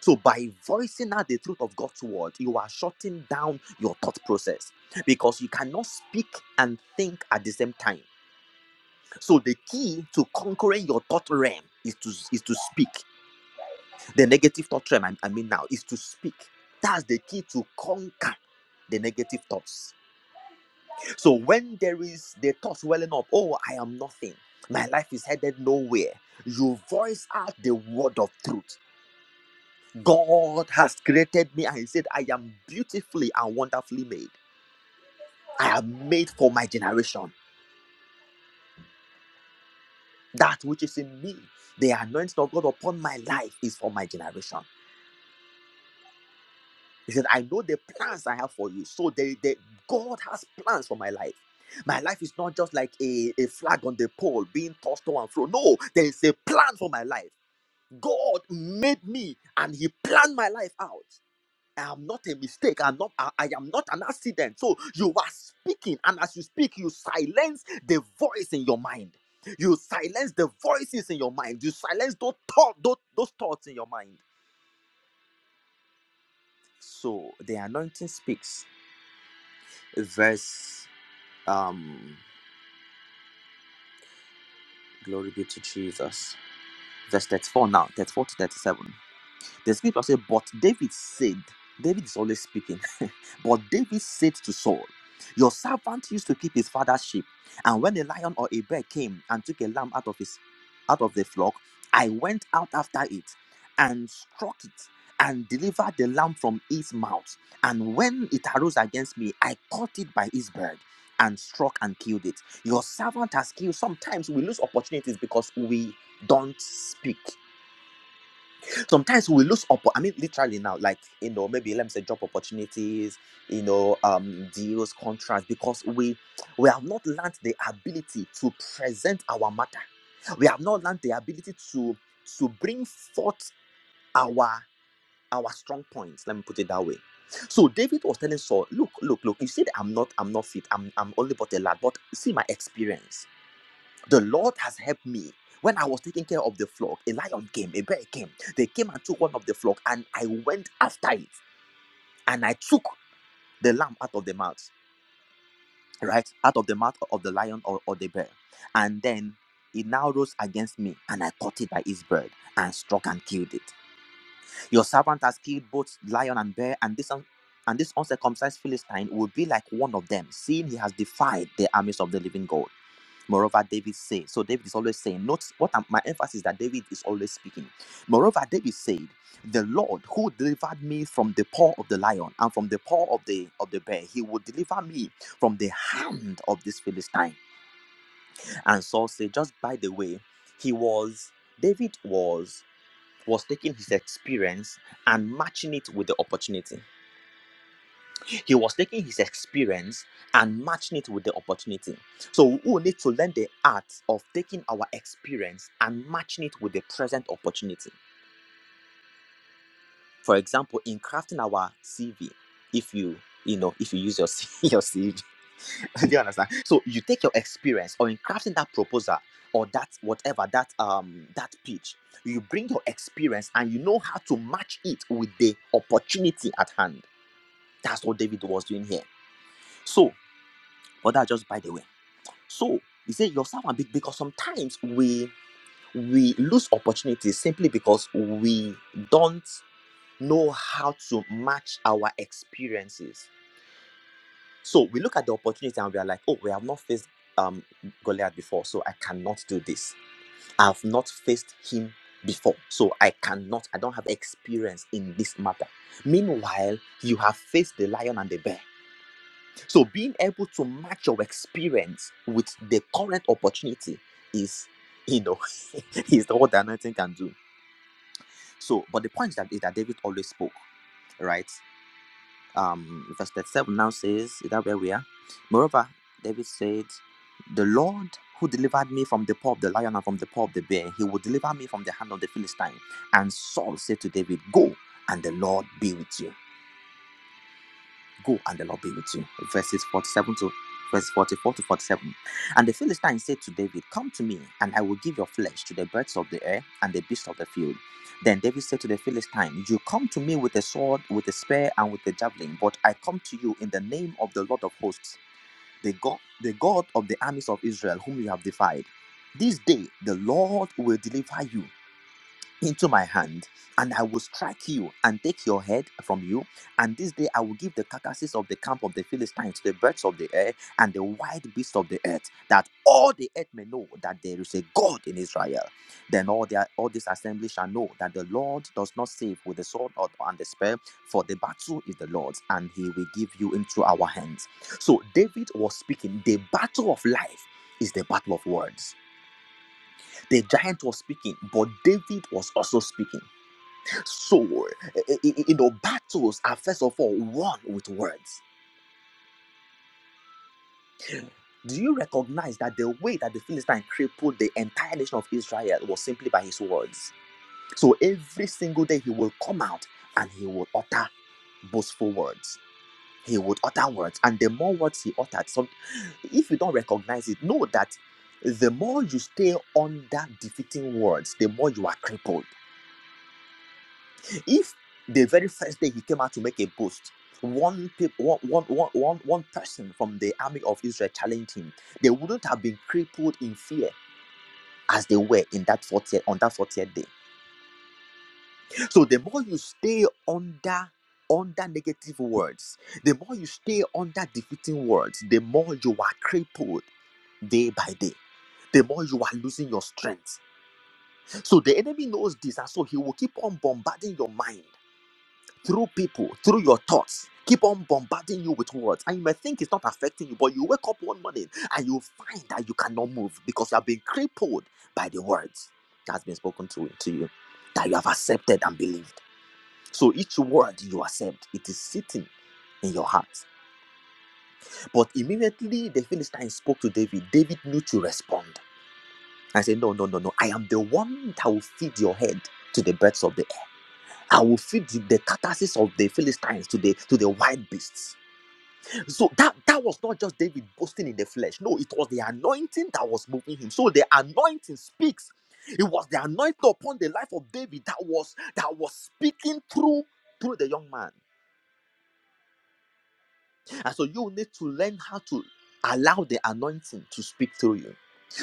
so by voicing out the truth of god's word you are shutting down your thought process because you cannot speak and think at the same time so the key to conquering your thought realm is to is to speak the negative thought realm, I I mean, now is to speak. That's the key to conquer the negative thoughts. So when there is the thoughts welling up, oh, I am nothing, my life is headed nowhere, you voice out the word of truth. God has created me and He said, I am beautifully and wonderfully made. I am made for my generation. That which is in me, the anointing of God upon my life is for my generation. He said, I know the plans I have for you. So they, they, God has plans for my life. My life is not just like a, a flag on the pole being tossed to and fro. No, there is a plan for my life. God made me and He planned my life out. I am not a mistake. I'm not, I, I am not an accident. So you are speaking, and as you speak, you silence the voice in your mind. You silence the voices in your mind. You silence those, thought, those, those thoughts in your mind. So the anointing speaks. Verse Um, glory be to Jesus. Verse 34 now, 34 to 37. The scripture says, But David said, David is always speaking, but David said to Saul, Your servant used to keep his father's sheep, and when a lion or a bear came and took a lamb out of his out of the flock, I went out after it and struck it and delivered the lamb from its mouth. And when it arose against me, I caught it by its beard and struck and killed it. Your servant has killed. Sometimes we lose opportunities because we don't speak sometimes we lose up i mean literally now like you know maybe let me say job opportunities you know um deals contracts because we we have not learned the ability to present our matter we have not learned the ability to to bring forth our our strong points let me put it that way so david was telling saul look look look you said i'm not i'm not fit i'm i'm only but a lad but see my experience the Lord has helped me. When I was taking care of the flock, a lion came, a bear came. They came and took one of the flock, and I went after it, and I took the lamb out of the mouth, right? Out of the mouth of the lion or, or the bear. And then it now rose against me, and I caught it by its bird and struck and killed it. Your servant has killed both lion and bear, and this un- and this uncircumcised Philistine will be like one of them, seeing he has defied the armies of the living God. Moreover, David said, so David is always saying, note what I'm- my emphasis is that David is always speaking. Moreover, David said, the Lord who delivered me from the paw of the lion and from the paw of the of the bear, he will deliver me from the hand of this Philistine. And Saul said, just by the way, he was David was was taking his experience and matching it with the opportunity. He was taking his experience and matching it with the opportunity. So we will need to learn the art of taking our experience and matching it with the present opportunity. For example, in crafting our CV, if you you know if you use your your CV, do you understand? So you take your experience or in crafting that proposal or that whatever that um that pitch, you bring your experience and you know how to match it with the opportunity at hand. That's what David was doing here. So But that's just by the way. So he said "Your servant, big because sometimes we we lose opportunities simply because we don't know how to match our experiences. So we look at the opportunity and we are like, oh, we have not faced um Goliath before, so I cannot do this. I have not faced him before, so I cannot, I don't have experience in this matter. Meanwhile, you have faced the lion and the bear So being able to match your experience with the current opportunity is, you know, is all that nothing can do. So, but the point is that is that David always spoke, right? Um, verse 37 now says, is that where we are? Moreover, David said, The Lord who delivered me from the paw of the lion and from the paw of the bear, he will deliver me from the hand of the Philistine. And Saul said to David, Go, and the Lord be with you. Go and the Lord be with you. Verses 47 to verse 44 to 47. And the Philistine said to David, Come to me, and I will give your flesh to the birds of the air and the beasts of the field. Then David said to the Philistine, You come to me with a sword, with a spear, and with a javelin, but I come to you in the name of the Lord of hosts, the God, the God of the armies of Israel, whom you have defied. This day the Lord will deliver you into my hand, and I will strike you and take your head from you. And this day I will give the carcasses of the camp of the Philistines to the birds of the air and the wild beasts of the earth, that all the earth may know that there is a God in Israel. Then all their all this assembly shall know that the Lord does not save with the sword or and the spear, for the battle is the Lord's, and he will give you into our hands. So David was speaking, the battle of life is the battle of words. The giant was speaking, but David was also speaking. So, you know, battles are first of all won with words. Do you recognize that the way that the Philistine crippled the entire nation of Israel was simply by his words? So every single day he will come out and he will utter boastful words. He would utter words, and the more words he uttered, some, if you don't recognize it, know that the more you stay under defeating words, the more you are crippled If the very first day he came out to make a boast, one, peop- one, one, one, one, one person from the army of Israel challenged him, they wouldn't have been crippled in fear as they were in that 40th, on that 40th day. So the more you stay under under negative words, the more you stay under defeating words, the more you are crippled day by day the more you are losing your strength. So the enemy knows this, and so he will keep on bombarding your mind. through people, through your thoughts. Keep on bombarding you with words, and you may think it's not affecting you, but you wake up one morning and you find that you cannot move because you have been crippled by the words that has been spoken to, to you, that you have accepted and believed. So each word you accept, it is sitting in your heart. But immediately the Philistine spoke to David. David knew to respond and said, No, no, no, no. I am the one that will feed your head to the birds of the air. I will feed the carcasses of the Philistines to the to the wild beasts. So that that was not just David boasting in the flesh. No, it was the anointing that was moving him. So the anointing speaks. It was the anointing upon the life of David that was that was speaking through through the young man. And so you need to learn how to allow the anointing to speak through you.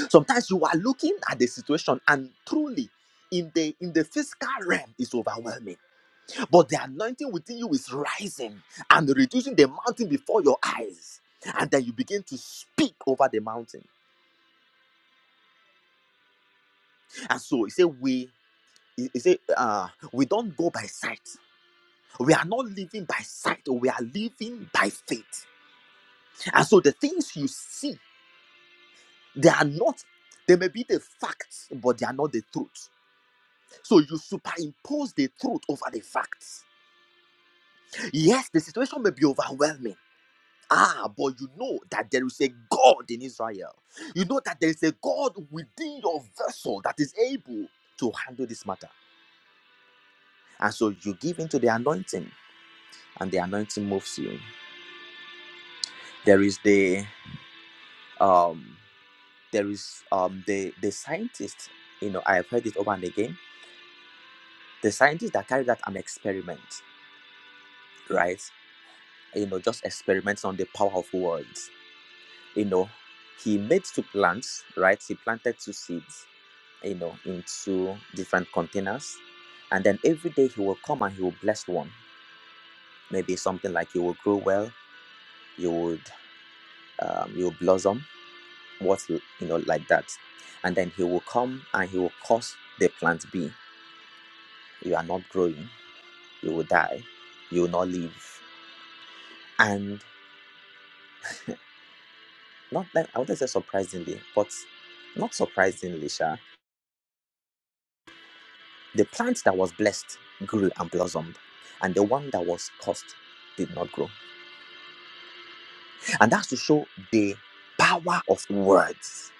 Sometimes you are looking at the situation and truly in the in the physical realm is overwhelming But the anointing within you is rising and reducing the mountain before your eyes. And then you begin to speak over the mountain. And so he said, We he said, uh, we don't go by sight. We are not living by sight, we are living by faith. And so the things you see, they are not, they may be the facts, but they are not the truth. So you superimpose the truth over the facts. Yes, the situation may be overwhelming. Ah, but you know that there is a God in Israel. You know that there is a God within your vessel that is able to handle this matter. And so you give into the anointing, and the anointing moves you. There is the um there is um the the scientist, you know, I have heard it over and again. The scientist that carried out an experiment, right? You know, just experiments on the power of words. You know, he made two plants, right? He planted two seeds you know, into different containers. And then every day he will come and he will bless one. Maybe something like you will grow well, you would um, you will blossom, what you know, like that. And then he will come and he will cause the plant be. You are not growing, you will die, you will not live. And not like I wouldn't say surprisingly, but not surprisingly, Sha, the plant that was blessed grew and blossomed, and the one that was cursed did not grow And that's to show the power of words,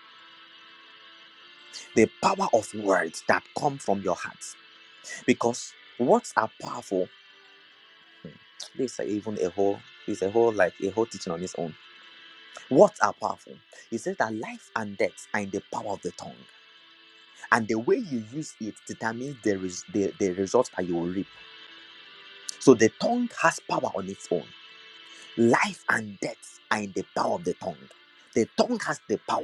the power of words that come from your heart. Because words are powerful. Hmm, This is even a whole, It's a whole like a whole teaching on its own. Words are powerful. He says that life and death are in the power of the tongue, and the way you use it determines the res- the, the results that you will reap. So the tongue has power on its own. Life and death are in the power of the tongue. The tongue has the power.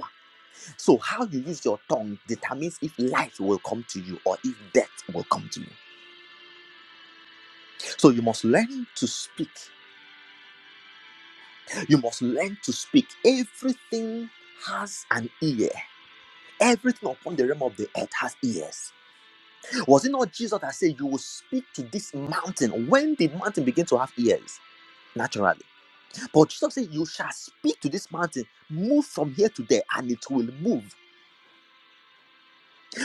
So, how you use your tongue determines if life will come to you or if death will come to you. So, you must learn to speak. You must learn to speak. Everything has an ear. Everything upon the realm of the earth has ears. Was it not Jesus that said, You will speak to this mountain? When did mountain begin to have ears? Naturally. But Jesus said, You shall speak to this mountain, move from here to there, and it will move.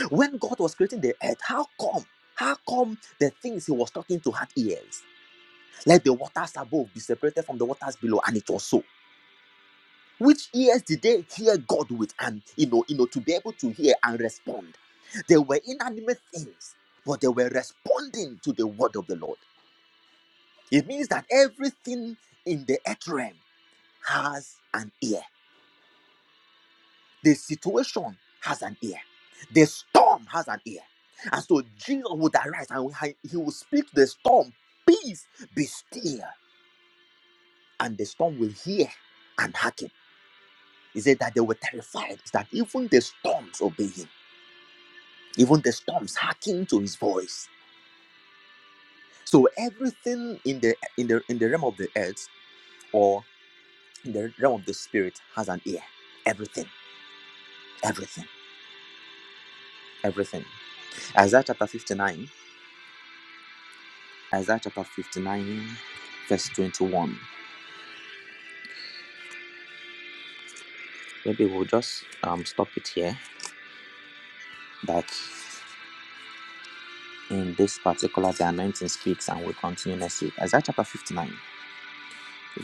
When God was creating the earth, how come? How come the things he was talking to had ears? Let the waters above be separated from the waters below, and it was so. Which ears did they hear God with, and you know, you know, to be able to hear and respond? They were inanimate things, but they were responding to the word of the Lord. It means that everything in the earth realm has an ear. The situation has an ear. The storm has an ear. And so Jesus would arise and he will speak to the storm, Peace, be still. And the storm will hear and hearken He said that they were terrified that even the storms obey him, even the storms hearken to his voice. So everything in the in the in the realm of the earth or in the realm of the spirit has an ear. Everything, everything, everything. Isaiah chapter 59, Isaiah chapter 59, verse 21. Maybe we'll just um stop it here. That in this particular the anointing speaks and we'll continue next week. Isaiah chapter 59,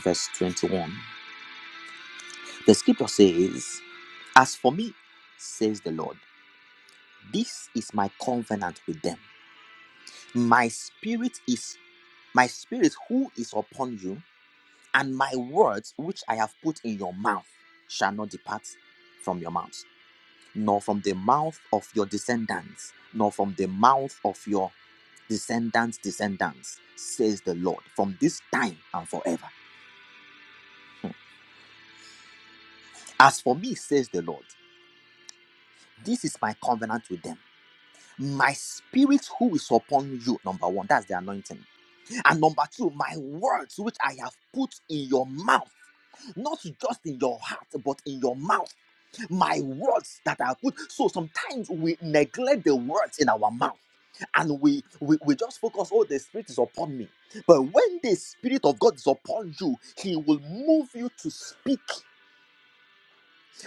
verse 21. The scripture says. As for me, says the Lord, this is my covenant with them. My spirit is my spirit who is upon you, and my words which I have put in your mouth shall not depart from your mouth, nor from the mouth of your descendants, nor from the mouth of your descendants' descendants, says the Lord, from this time and forever. As for me, says the Lord, this is my covenant with them. My spirit who is upon you, number one, that's the anointing And number two, my words which I have put in your mouth, not just in your heart, but in your mouth. My words that I put. So sometimes we neglect the words in our mouth and we, we we just focus oh the spirit is upon me but when the spirit of god is upon you he will move you to speak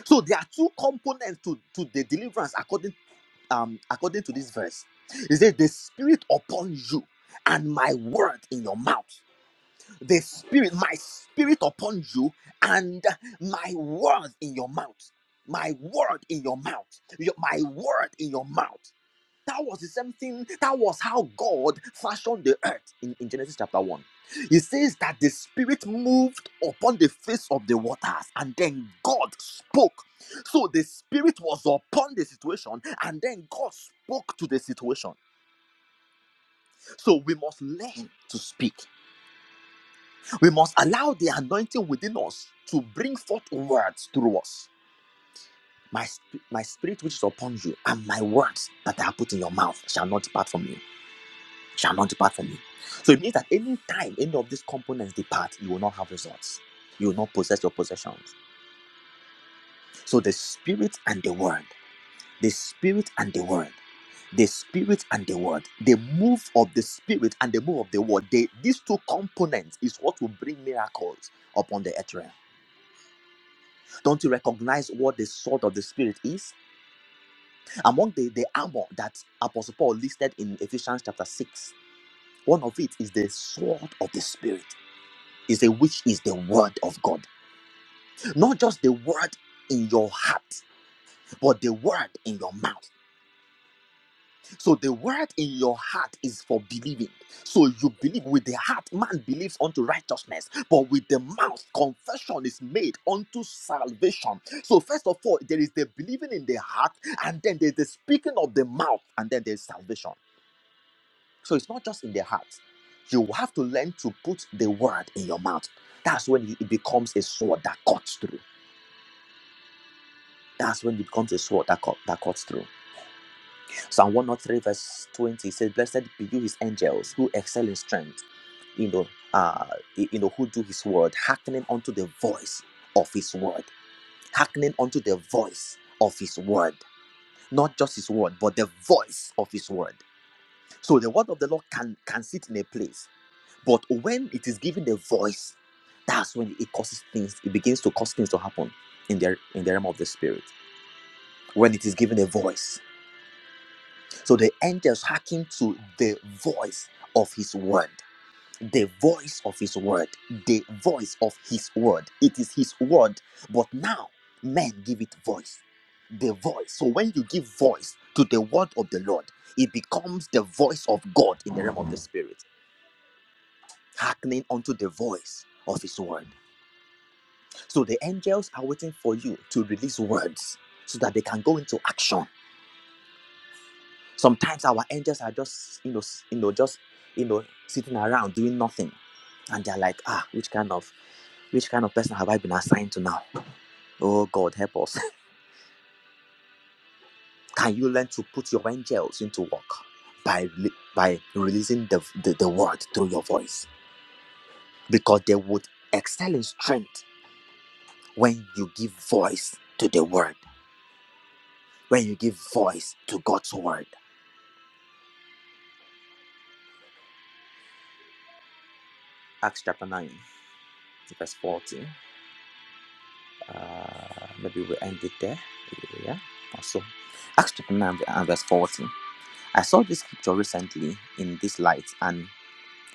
so there are two components to to the deliverance according um according to this verse He says the spirit upon you and my word in your mouth the spirit, my spirit upon you, and my word in your mouth. My word in your mouth. Your- my word in your mouth. That was the same thing. That was how God fashioned the earth in, in Genesis chapter 1. He says that the spirit moved upon the face of the waters and then God spoke. So the spirit was upon the situation and then God spoke to the situation. So we must learn to speak. We must allow the anointing within us to bring forth words through us. My, sp- my spirit which is upon you and my words that I have put in your mouth shall not depart from you, shall not depart from you. So it means that any time any of these components depart, you will not have results. You will not possess your possessions. So the spirit and the word, the spirit and the word, the spirit and the word, the move of the spirit and the move of the word, they, these two components is what will bring miracles upon the earth realm. Don't you recognize what the sword of the Spirit is? Among the, the armor that Apostle Paul listed in Ephesians chapter 6, one of it is the sword of the Spirit, is a which is the word of God. Not just the word in your heart, but the word in your mouth. So the word in your heart is for believing. So you believe with the heart, man believes unto righteousness, but with the mouth, confession is made unto salvation. So, first of all, there is the believing in the heart, and then there's the speaking of the mouth, and then there's salvation. So, it's not just in the heart. You have to learn to put the word in your mouth. That's when it becomes a sword that cuts through. That's when it becomes a sword that, cut, that cuts through. Psalm 103, verse 20 says, Blessed be you, his angels, who excel in strength, you know, uh, you know, who do his word, hearkening unto the voice of his word, hearkening unto the voice of his word, not just his word, but the voice of his word. So the word of the Lord can, can sit in a place, but when it is given the voice, that's when it causes things, it begins to cause things to happen in the in the realm of the spirit. When it is given a voice So the angels hearken to the voice of his word. The voice of his word. The voice of his word. It is his word, but now men give it voice. The voice. So when you give voice to the word of the Lord, it becomes the voice of God in the realm of the spirit, hearkening unto the voice of his word. So the angels are waiting for you to release words so that they can go into action Sometimes our angels are just, you know, you know, just, you know, sitting around doing nothing, and they're like, ah, which kind of, which kind of person have I been assigned to now? Oh God, help us! Can you learn to put your angels into work by by releasing the, the the word through your voice? Because they would excel in strength when you give voice to the word, when you give voice to God's word. Acts chapter nine, verse forty. Uh, maybe we end it there. Yeah, also. Acts chapter 9 and verse 14. I saw this scripture recently in this light and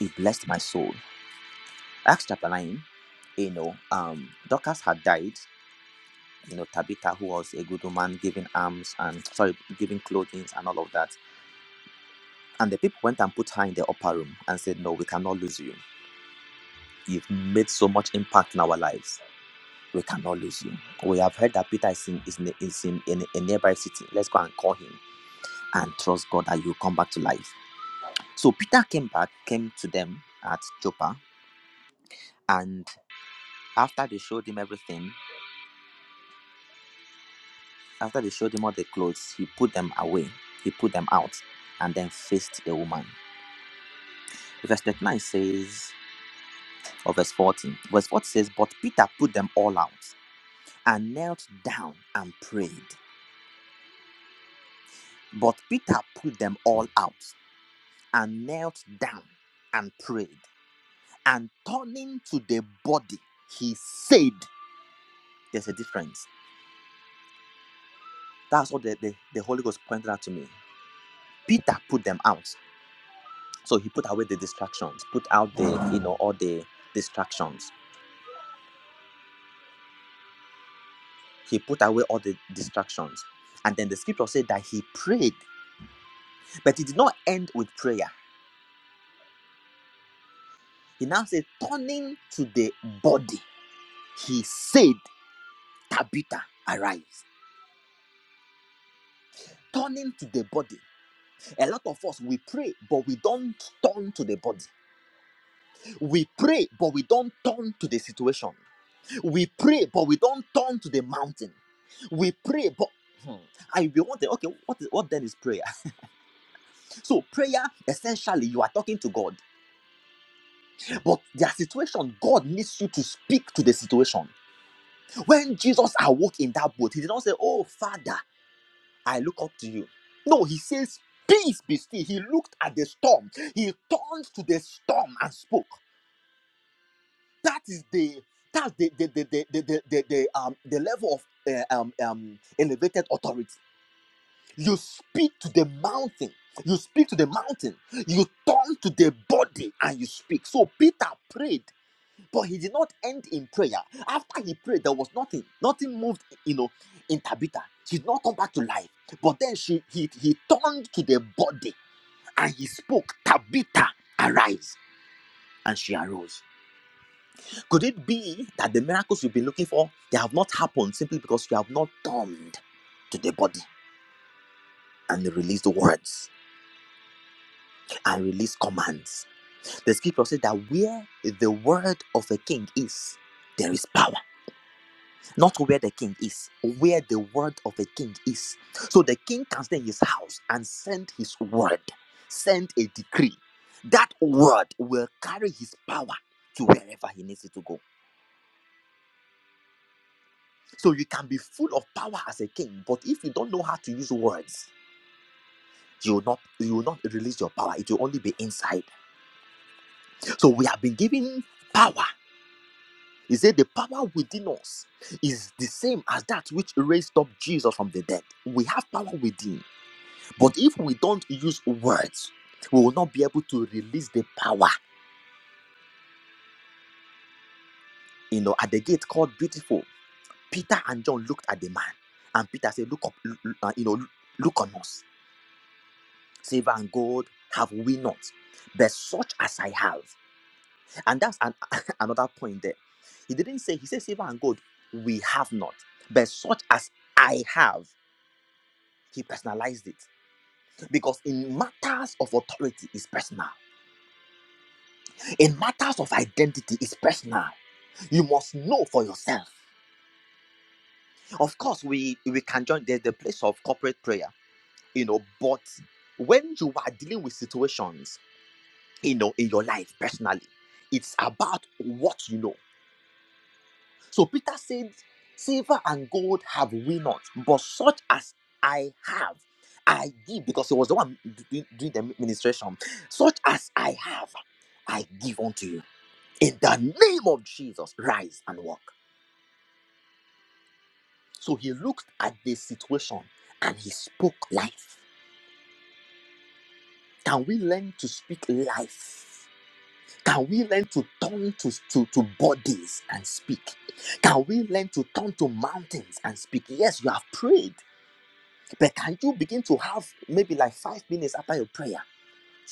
it blessed my soul. Acts chapter 9, you know, um, Dorcas had died. You know, Tabitha, who was a good woman, giving alms and, sorry, giving clothing and all of that. And the people went and put her in the upper room and said, No, we cannot lose you. You've made so much impact in our lives. We cannot lose you. We have heard that Peter is in, is in, is in, in a nearby city. Let's go and call him. and trust God that you'll come back to life. So Peter came back, came to them at Joppa, and after they showed him everything, after they showed him all the clothes, he put them away, he put them out, and then faced the woman. Verse 39 says, or verse 14, verse 14 says, But Peter put them all out and knelt down and prayed. But Peter put them all out and knelt down and prayed. And turning to the body, he said, There's a difference That's what the, the, the Holy Ghost pointed out to me. Peter put them out. So he put away the distractions, put out the, you know, all the distractions. He put away all the distractions. And then the scripture said that he prayed, but it did not end with prayer. He now said, turning to the body, he said, Tabitha, arise. Turning to the body. A lot of us, we pray, but we don't turn to the body. We pray, but we don't turn to the situation. we pray, but we don't turn to the mountain. We pray, but hmm, I will want to, okay, what, is, what then is prayer? So, prayer, essentially, you are talking to God, but their situation, God needs you to speak to the situation. When Jesus awoke in that boat, he did not say, Oh, Father, I look up to you. No, he says, Peace be still. He looked at the storm, he turned to the storm and spoke. That is the that's the the the the the the, the, the, um the level of uh, um um elevated authority You speak to the mountain. You speak to the mountain. You turn to the body and you speak. So Peter prayed, but he did not end in prayer. After he prayed, there was nothing. Nothing moved, you know, in Tabitha. She did not come back to life. But then she he, he turned to the body and he spoke, Tabitha, arise. And she arose. Could it be that the miracles you've been looking for they have not happened simply because you have not turned to the body and released words and release commands? The scripture says that where the word of a king is, there is power. Not where the king is, where the word of a king is. So the king can stay in his house and send his word, send a decree. That word will carry his power to wherever he needs it to go. So you can be full of power as a king, but if you don't know how to use words, you will not you will not release your power. It will only be inside. So we have been given power He said, The power within us is the same as that which raised up Jesus from the dead. We have power within, but if we don't use words, we will not be able to release the power. You know, at the gate called Beautiful, Peter and John looked at the man, and Peter said, Look up, l- l- uh, you know, l- look on us. Silver and gold have we not, but such as I have. And that's an, another point there. He didn't say, He said, Silver and gold we have not, but such as I have. He personalized it because in matters of authority is personal. In matters of identity is personal. You must know for yourself. Of course, we we can join the, the place of corporate prayer, you know, but when you are dealing with situations, you know, in your life personally, it's about what you know. So Peter said, Silver and gold have we not, but such as I have, I give, because he was the one do- doing the administration. Such as I have, I give unto you. In the name of Jesus, rise and walk. So he looked at the situation and he spoke life. Can we learn to speak life? Can we learn to turn to, to, to bodies and speak? Can we learn to turn to mountains and speak? Yes, you have prayed. But can you begin to have maybe like five minutes after your prayer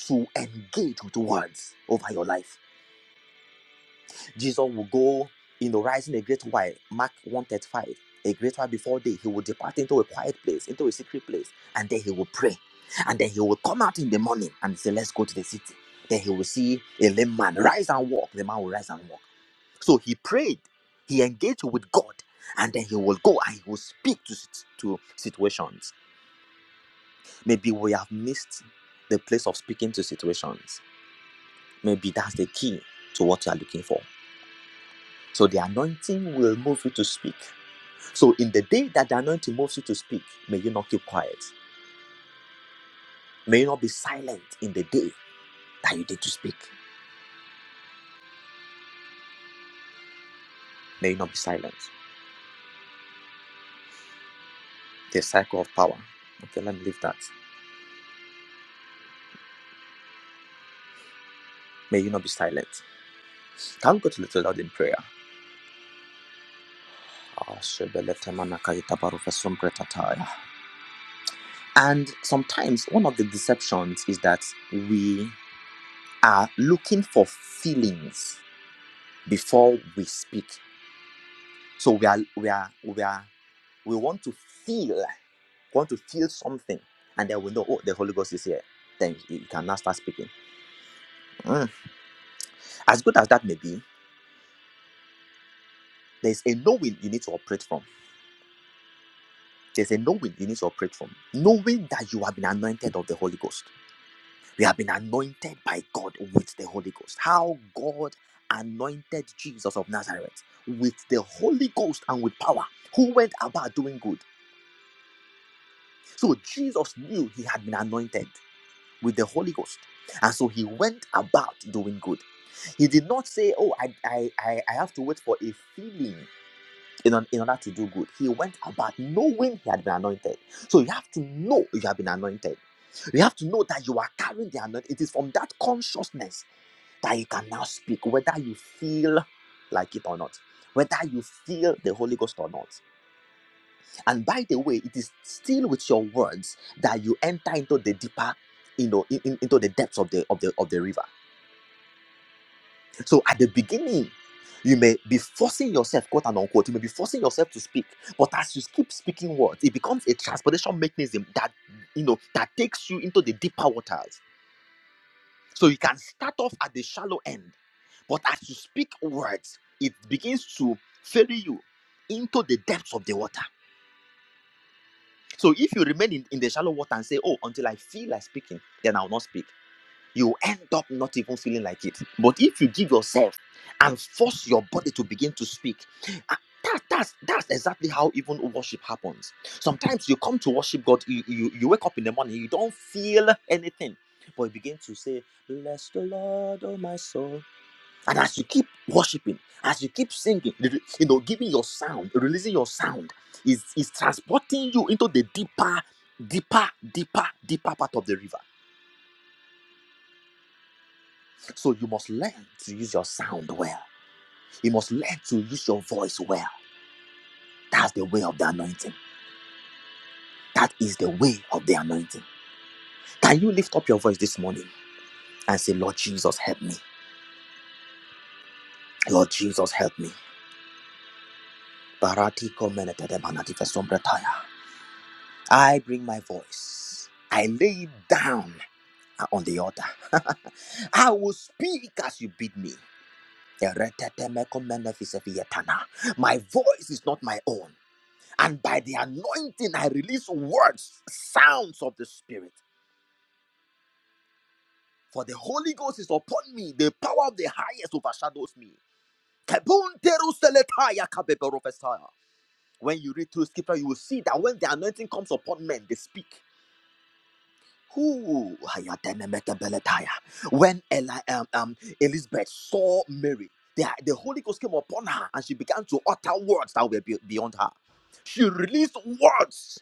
to engage with words over your life? Jesus will go, you know, rising a great while, Mark 135, a great while before day. He will depart into a quiet place, into a secret place, and then he will pray. And then he will come out in the morning and say, Let's go to the city. Then he will see a lame man rise and walk. The man will rise and walk. So he prayed, he engaged with God, and then he will go and he will speak to, to situations. Maybe we have missed the place of speaking to situations. Maybe that's the key to what you are looking for. So the anointing will move you to speak. So in the day that the anointing moves you to speak, may you not keep quiet. May you not be silent in the day that you did to speak. May you not be silent. The cycle of power. Okay, let me leave that. May you not be silent. Can we go to Little Lord in prayer? Ah, And sometimes one of the deceptions is that we. are looking for feelings before we speak. So we are we are we are we want to feel, want to feel something, and then we know oh the Holy Ghost is here. Then you you can now start speaking. Mm. As good as that may be, there's a knowing you need to operate from. There's a knowing you need to operate from. Knowing that you have been anointed of the Holy Ghost We have been anointed by God with the Holy Ghost. How God anointed Jesus of Nazareth with the Holy Ghost and with power, who went about doing good. So Jesus knew he had been anointed with the Holy Ghost. And so he went about doing good. He did not say, Oh, I, I, I, I have to wait for a feeling in, on- in order to do good. He went about knowing he had been anointed. So you have to know you have been anointed. You have to know that you are carrying the anointing. It is from that consciousness that you can now speak, whether you feel like it or not, whether you feel the Holy Ghost or not. And by the way, it is still with your words that you enter into the deeper, you know, in, in- into the depths of the of the of the river. So at the beginning, you may be forcing yourself, quote and unquote, you may be forcing yourself to speak, but as you keep speaking words, it becomes a transportation mechanism that you know that takes you into the deeper waters. So you can start off at the shallow end, but as you speak words, it begins to ferry you into the depths of the water. So if you remain in, in the shallow water and say, Oh, until I feel like speaking, then I'll not speak, you end up not even feeling like it. But if you give yourself and force your body to begin to speak, ah, that, that's that's exactly how even worship happens. Sometimes you come to worship God, you, you, you wake up in the morning, you don't feel anything, but you begin to say, Bless the Lord, oh my soul. And as you keep worshiping, as you keep singing, you know, giving your sound, releasing your sound, is is transporting you into the deeper, deeper, deeper, deeper part of the river. So you must learn to use your sound well. You must learn to use your voice well. That's the way of the anointing. That is the way of the anointing. Can you lift up your voice this morning and say, Lord Jesus, help me. Lord Jesus, help me. Barati ko menete de manati fesombre taya. I bring my voice. I lay it down uh, on the altar. I will speak as you bid me. My voice is not my own. And by the anointing, I release words, sounds of the Spirit. For the Holy Ghost is upon me. The power of the highest overshadows me. When you read through scripture, you will see that when the anointing comes upon men, they speak. Who Hayadenemetebeletaya. when Eli, um, um, Elizabeth saw Mary, the, the Holy Ghost came upon her and she began to utter words that were be- beyond her. She released words,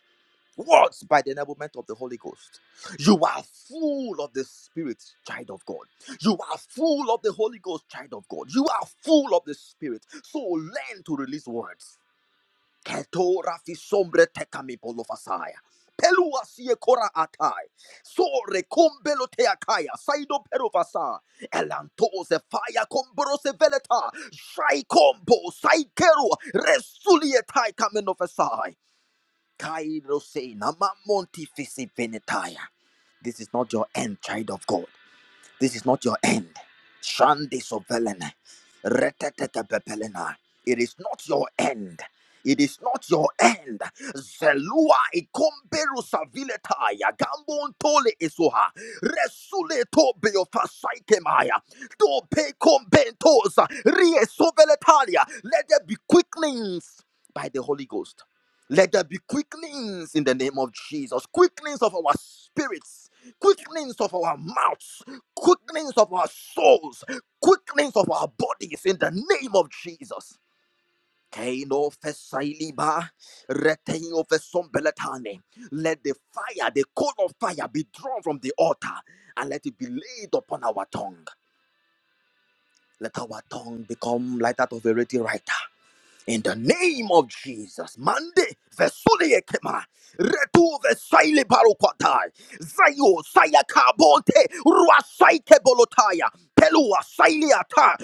words by the enablement of the Holy Ghost. You are full of the Spirit, child of God. You are full of the Holy Ghost, child of God. You are full of the Spirit. So learn to release words. Keto rafi sombre tekami bolofasaya. Pelua sie kora atai. So recumbelo teakaya. Saido perufasa. Elantose fire combrose veleta. Shai combo. Saikero. Resulietai kamenofasai. Kairo se namamonti fisi venetaya. This is not your end, child of God. This is not your end. Shande sovelen. Retetetepepelena. It is not your end. It is not your end. Zelua ikomberu savileta ya gambon tole esoha. Resule to beofasaikemaya. To pe kombentosa. Rie soveletalia. Let there be quickenings by the Holy Ghost. Let there be quickenings in the name of Jesus. Quickenings of our spirits. Quickenings of our mouths quickenings of our souls, quickenings of our bodies in the name of Jesus. Kaino fesailiba, reteio fesombeletane. Let the fire, the coal of fire, be drawn from the altar and let it be laid upon our tongue. Let our tongue become like that of a ready writer. In the name of Jesus, Mande vesule ekema, retu vesaile barokwata, zayo saya kabonte, ruasaike bolotaya, Pelua wasaile ata,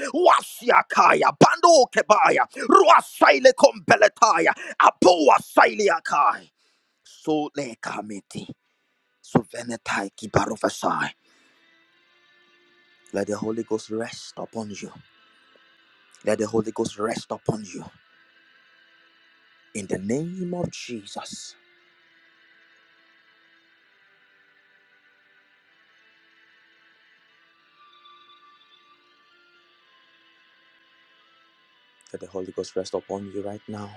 kaya, bando kebaya, ruasaile kombeletaya, apo wasaile so le kamiti, Suvenetai venetai kibarofasai. Let the Holy Ghost rest upon you. Let the Holy Ghost rest upon you. In the name of Jesus. Let the Holy Ghost rest upon you right now.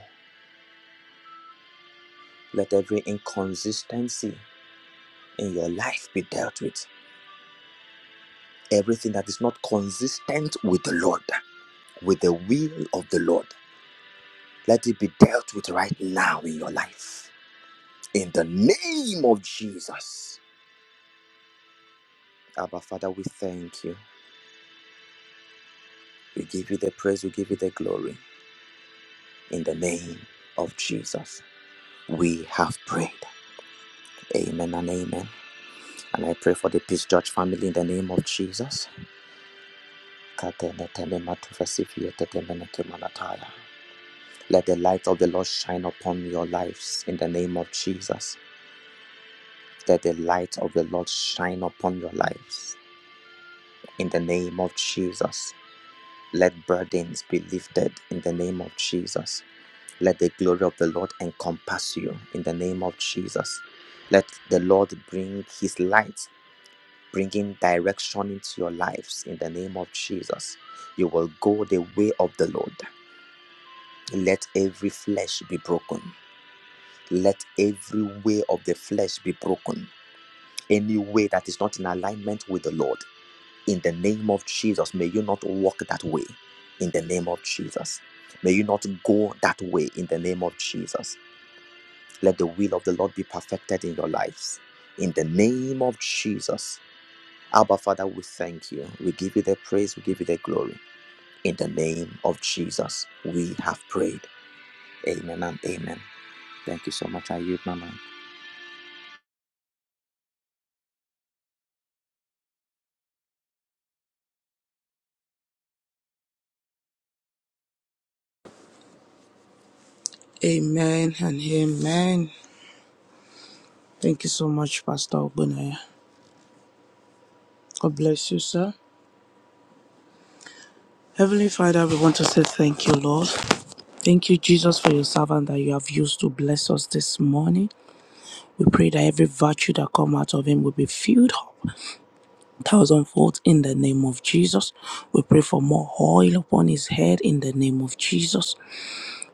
Let every inconsistency in your life be dealt with. Everything that is not consistent with the Lord, with the will of the Lord, let it be dealt with right now in your life. In the name of Jesus. Abba, Father, we thank you. We give you the praise, we give you the glory. In the name of Jesus, we have prayed. Amen and amen. And I pray for the Peace Church family in the name of Jesus. Katene tenema tufasifiye tetemene kemanataya. Let the light of the Lord shine upon your lives in the name of Jesus. Let the light of the Lord shine upon your lives in the name of Jesus. Let burdens be lifted in the name of Jesus. Let the glory of the Lord encompass you in the name of Jesus. Let the Lord bring his light, bringing direction into your lives in the name of Jesus. You will go the way of the Lord. Let every flesh be broken. Let every way of the flesh be broken. Any way that is not in alignment with the Lord. In the name of Jesus, may you not walk that way. In the name of Jesus. May you not go that way. In the name of Jesus. Let the will of the Lord be perfected in your lives. In the name of Jesus. Abba, Father, we thank you. We give you the praise. We give you the glory. In the name of Jesus, we have prayed. Amen and amen. Thank you so much. I yield my mind.
Amen and amen. Thank you so much, Pastor Obunaya. God bless you, sir. Heavenly Father, we want to say thank you, Lord. Thank you, Jesus, for your servant that you have used to bless us this morning. We pray that every virtue that come out of him will be filled up thousandfold in the name of Jesus. We pray for more oil upon his head in the name of Jesus.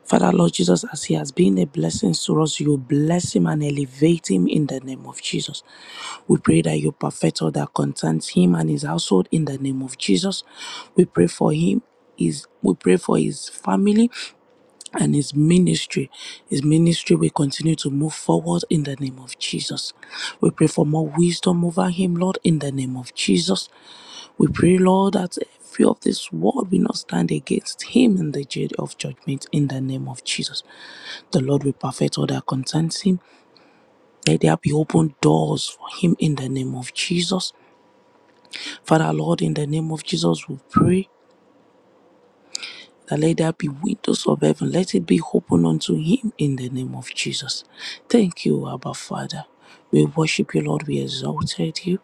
Father, Lord Jesus, as he has been a blessing to us, you bless him and elevate him in the name of Jesus. We pray that you perfect all that concerns him and his household in the name of Jesus. We pray for him. Is we pray for his family and his ministry. His ministry will continue to move forward in the name of Jesus. We pray for more wisdom over him, Lord, in the name of Jesus. We pray, Lord, that every of this word will not stand against him in the day of judgment in the name of Jesus. The Lord will perfect all that concerns him. Let there be open doors for him in the name of Jesus. Father, Lord, in the name of Jesus, we pray. that let there be windows of heaven, let it be open unto him in the name of Jesus. Thank you, Abba Father. We worship you, Lord. We exalted you.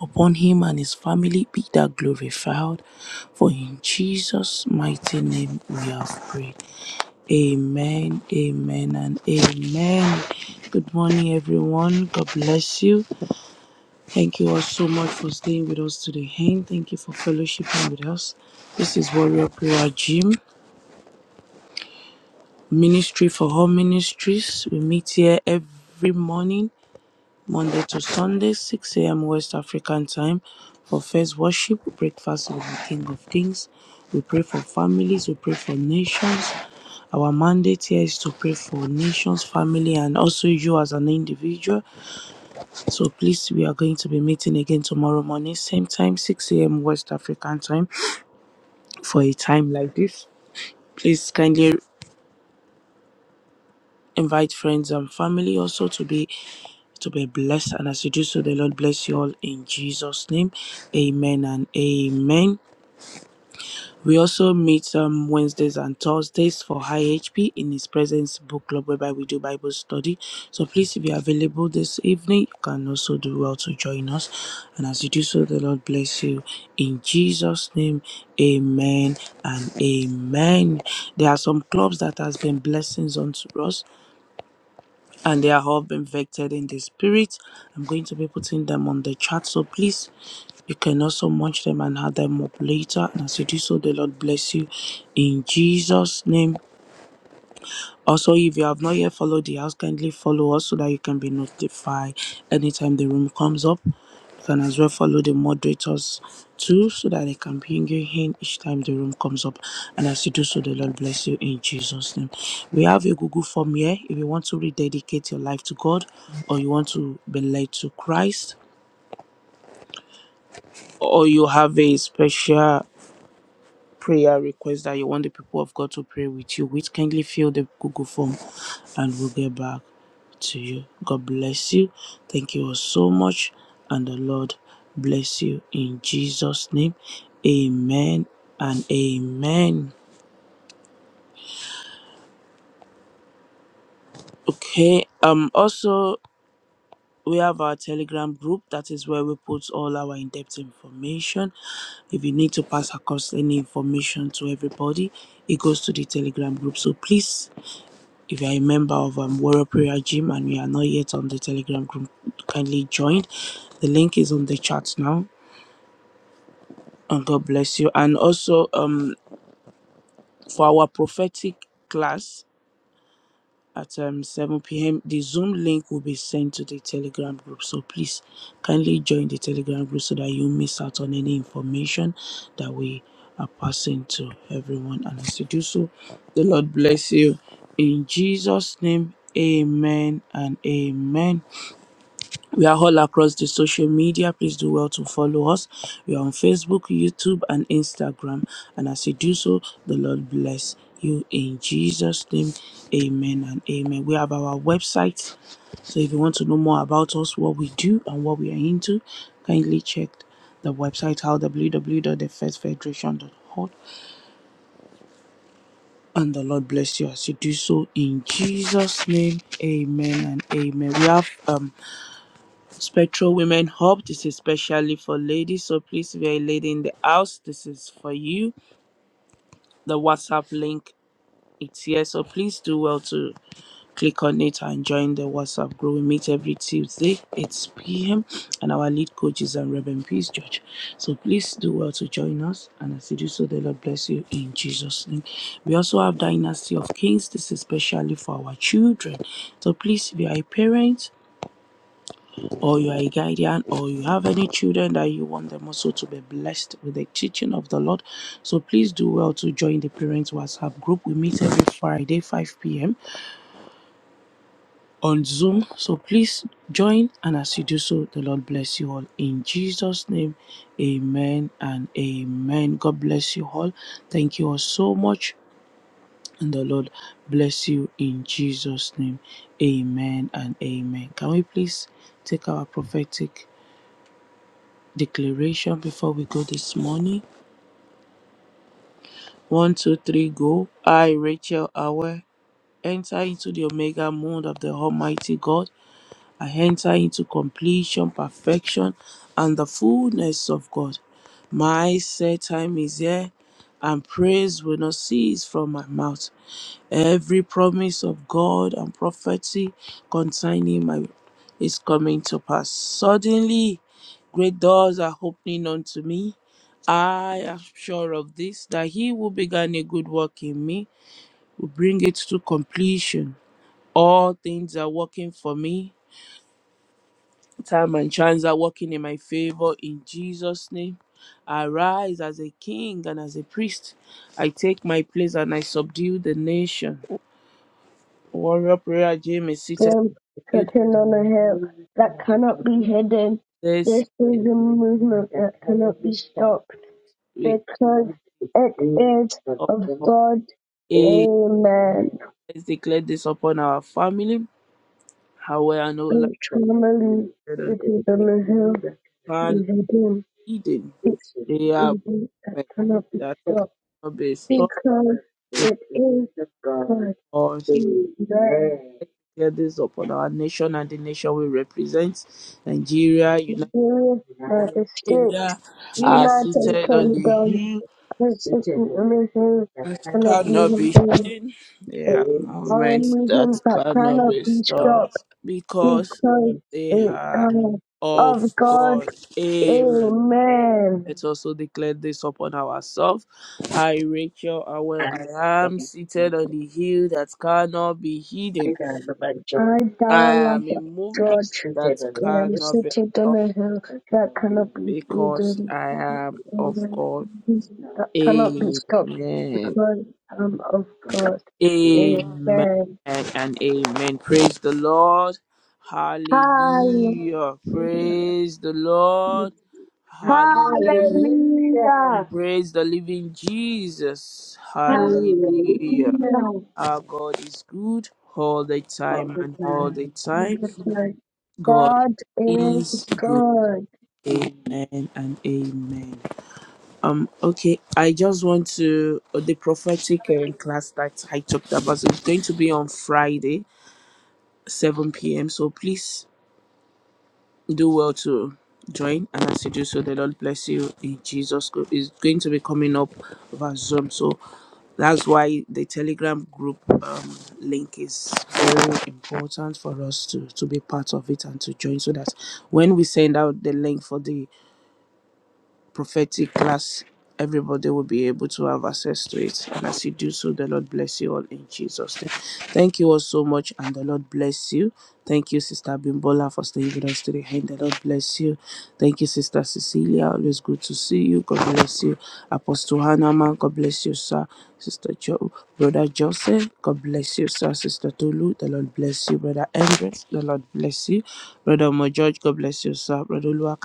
Upon him and his family be that glorified. For in Jesus' mighty name we have prayed. Amen, amen, and amen. Good morning, everyone. God bless you. Thank you all so much for staying with us today. Thank you for fellowshipping with us. This is Warrior Prayer Gym. Ministry for All Ministries. We meet here every morning, Monday to Sunday, 6 a.m. West African time for first worship, breakfast with the King of Kings. We pray for families, we pray for nations. Our mandate here is to pray for nations, family, and also you as an individual. So please, we are going to be meeting again tomorrow morning, same time, 6 a.m. West African time, for a time like this. Please kindly Invite friends and family also to be to be blessed. And as you do so, the Lord bless you all in Jesus' name. Amen and amen. We also meet um, Wednesdays and Thursdays for High HP in His Presence Book Club, whereby we do Bible study. So please, if you're available this evening, you can also do well to join us. And as you do so, the Lord bless you. In Jesus' name, amen and amen. There are some clubs that has been blessings unto us and they are all being vected in the spirit. I'm going to be putting them on the chat, so please you can also munch them and add them up later. And as you do so, the Lord bless you in Jesus' name. Also, if you have not yet followed the house, kindly follow us so that you can be notified anytime the room comes up. You can as well follow the moderators too so that they can ping you in each time the room comes up. And as you do so, the Lord bless you in Jesus' name. We have a Google form here. If you want to rededicate your life to God or you want to be led to Christ or you have a special prayer request that you want the people of God to pray with you with, kindly fill the Google form and we'll get back to you. God bless you. Thank you all so much. And the Lord bless you in Jesus' name. Amen and amen. Okay. Um also we have our telegram group that is where we put all our in-depth information if you need to pass across any information to everybody it goes to the telegram group so please If you are a member of um, Warrior Prayer Gym and you are not yet on the Telegram group, kindly join. The link is on the chat now. And God bless you. And also, um, for our prophetic class at um, 7 p.m., the Zoom link will be sent to the Telegram group. So please kindly join the Telegram group so that you miss out on any information that we are passing to everyone. And as you do so, the Lord bless you. In Jesus' name, amen and amen. We are all across the social media. Please do well to follow us. We are on Facebook, YouTube, and Instagram. And as you do so, the Lord bless you in Jesus' name. Amen and amen. We have our website. So if you want to know more about us, what we do, and what we are into, kindly check the website out www.thefirstfederation.org. And the Lord bless you as you do so in Jesus' name. Amen and amen. We have um Spectral Women Hub, this is especially for ladies. So please, if you're a lady in the house, this is for you. The WhatsApp link it's here. So please do well to click on it and join the WhatsApp group. We meet every Tuesday, 8 p.m. And our lead coach is um, Reverend Peace George. So please do well to join us. And as you do so, the Lord bless you in Jesus' name. We also have Dynasty of Kings. This is especially for our children. So please, if you are a parent, or you are a guardian or you have any children that you want them also to be blessed with the teaching of the Lord. So please do well to join the Parents WhatsApp group. We meet every Friday, 5 p.m. on Zoom. So please join. And as you do so, the Lord bless you all. In Jesus' name, amen and amen. God bless you all. Thank you all so much. And the Lord bless you in Jesus' name. Amen and amen. Can we please take our prophetic? declaration before we go this morning. One, two, three, go. I, Rachel Awe, enter into the omega mode of the Almighty God. I enter into completion, perfection, and the fullness of God. My set time is here, and praise will not cease from my mouth. Every promise of God and prophecy concerning my is coming to pass. Suddenly, great doors are opening unto me. I am sure of this that he who began a good work in me will bring it to completion. All things are working for me. Time and chance are working in my favor in Jesus' name. I rise as a king and as a priest. I take my place and I subdue the nation. Warrior Prayer Gym is seated you
Content on a hill that cannot be hidden.
this
This is a movement that cannot be stopped.
week
because it is
of
of
of
God.
A.
Amen.
Let's declare this upon our family. How we are no longer
Family,
on
it is on the hill,
plan
is
eating.
It's
They are
within that
but
cannot be
that
stopped
will be stopped
because it is of God.
or
Amen.
share this upon our nation and the nation we represent. Nigeria, United
Nigeria United States,
Nigeria are
United
seated on the
Kingdom,
hill
this is an amazing
that
cannot be
cannot be
hidden.
hidden. They are
Our
movements that
movement that
cannot
cannot
be
be stopped.
stopped because
because
they
it,
are.
uh,
of
of God.
God. Amen.
Amen.
Let's also declare this upon ourselves. I, Rachel, aware I am seated on the hill that cannot be hidden.
I,
I
Darrell
am a
God,
movement that
am
cannot be
sitting on
stopped
a hill that cannot be
because
hidden,
I am of God.
that cannot be stopped because
Amen.
I'm of God. Amen.
Amen and amen. Praise the Lord.
Hallelujah.
Hallelujah. Praise the Lord. Hallelujah.
Hallelujah.
Praise the living Jesus. Hallelujah.
Hallelujah.
Our God is good all the time and all the time. God
God is
is good.
good.
Amen and amen. Um, okay, I just want to uh, the prophetic um, class that I talked about is going to be on Friday, 7 p.m. So please do well to join and as you do so the lord bless you in jesus is going to be coming up over zoom so that's why the telegram group um, link is very important for us to to be part of it and to join so that when we send out the link for the prophetic class, everybody will be able to have access to it. And as you do so, the Lord bless you all in Jesus' name. Thank you all so much, and the Lord bless you. Thank you, Sister Bimbola, for staying with us today. And the Lord bless you. Thank you, Sister Cecilia. Always good to see you. God bless you. Apostle Hannah, God bless you, sir. Sister jo- Brother Joseph, God bless you, sir. Sister Tolu, the Lord bless you. Brother Andres, the Lord bless you. Brother Mo George, God bless you, sir. Brother Lua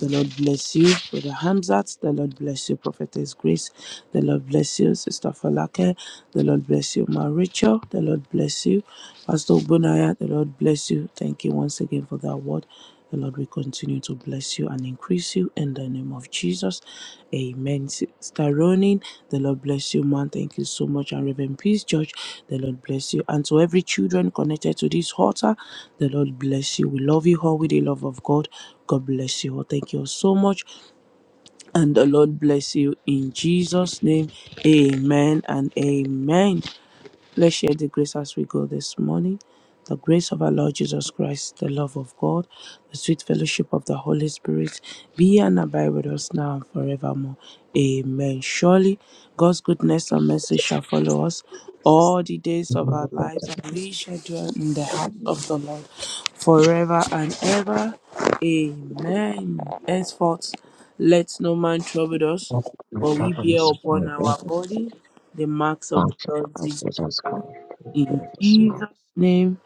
the Lord bless you you, Brother Hamzat. The Lord bless you, Prophetess Grace. The Lord bless you, Sister Falake. The Lord bless you, Ma Rachel. The Lord bless you, Pastor Bunaya. The Lord bless you. Thank you once again for that word. The Lord will continue to bless you and increase you in the name of Jesus. Amen. Sister Ronin, the Lord bless you, man. Thank you so much. And Reverend Peace Church, the Lord bless you. And to every children connected to this altar, the Lord bless you. We love you all with the love of God. God bless you all. Thank you all so much and the Lord bless you in Jesus' name. Amen and amen. Let's share the grace as we go this morning. The grace of our Lord Jesus Christ, the love of God, the sweet fellowship of the Holy Spirit be and abide with us now and forevermore. Amen. Surely God's goodness and mercy shall follow us all the days of our lives, and we shall dwell in the house of the Lord forever and ever. Amen. Henceforth, let no man trouble us,
What my
for we bear
problems are
upon our
very
body the marks of the
functional.
Lord
I
Jesus.
just can't feel the province called
In
River Banks of Arkansas called
Jesus' name,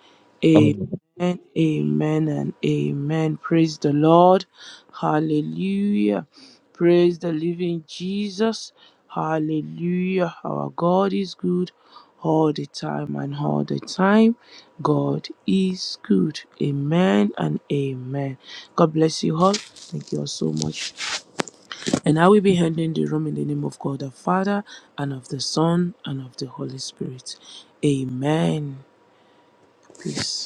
Fort Smith.
amen, amen, and amen. Praise the Lord. Hallelujah. Praise the living Jesus. Hallelujah. Our God is good all the time, and all the time, God is good. Amen and amen. God bless you all. Thank you all so much. And I will be handing the room in the name of God the Father, and of the Son, and of the Holy Spirit. Amen. Peace.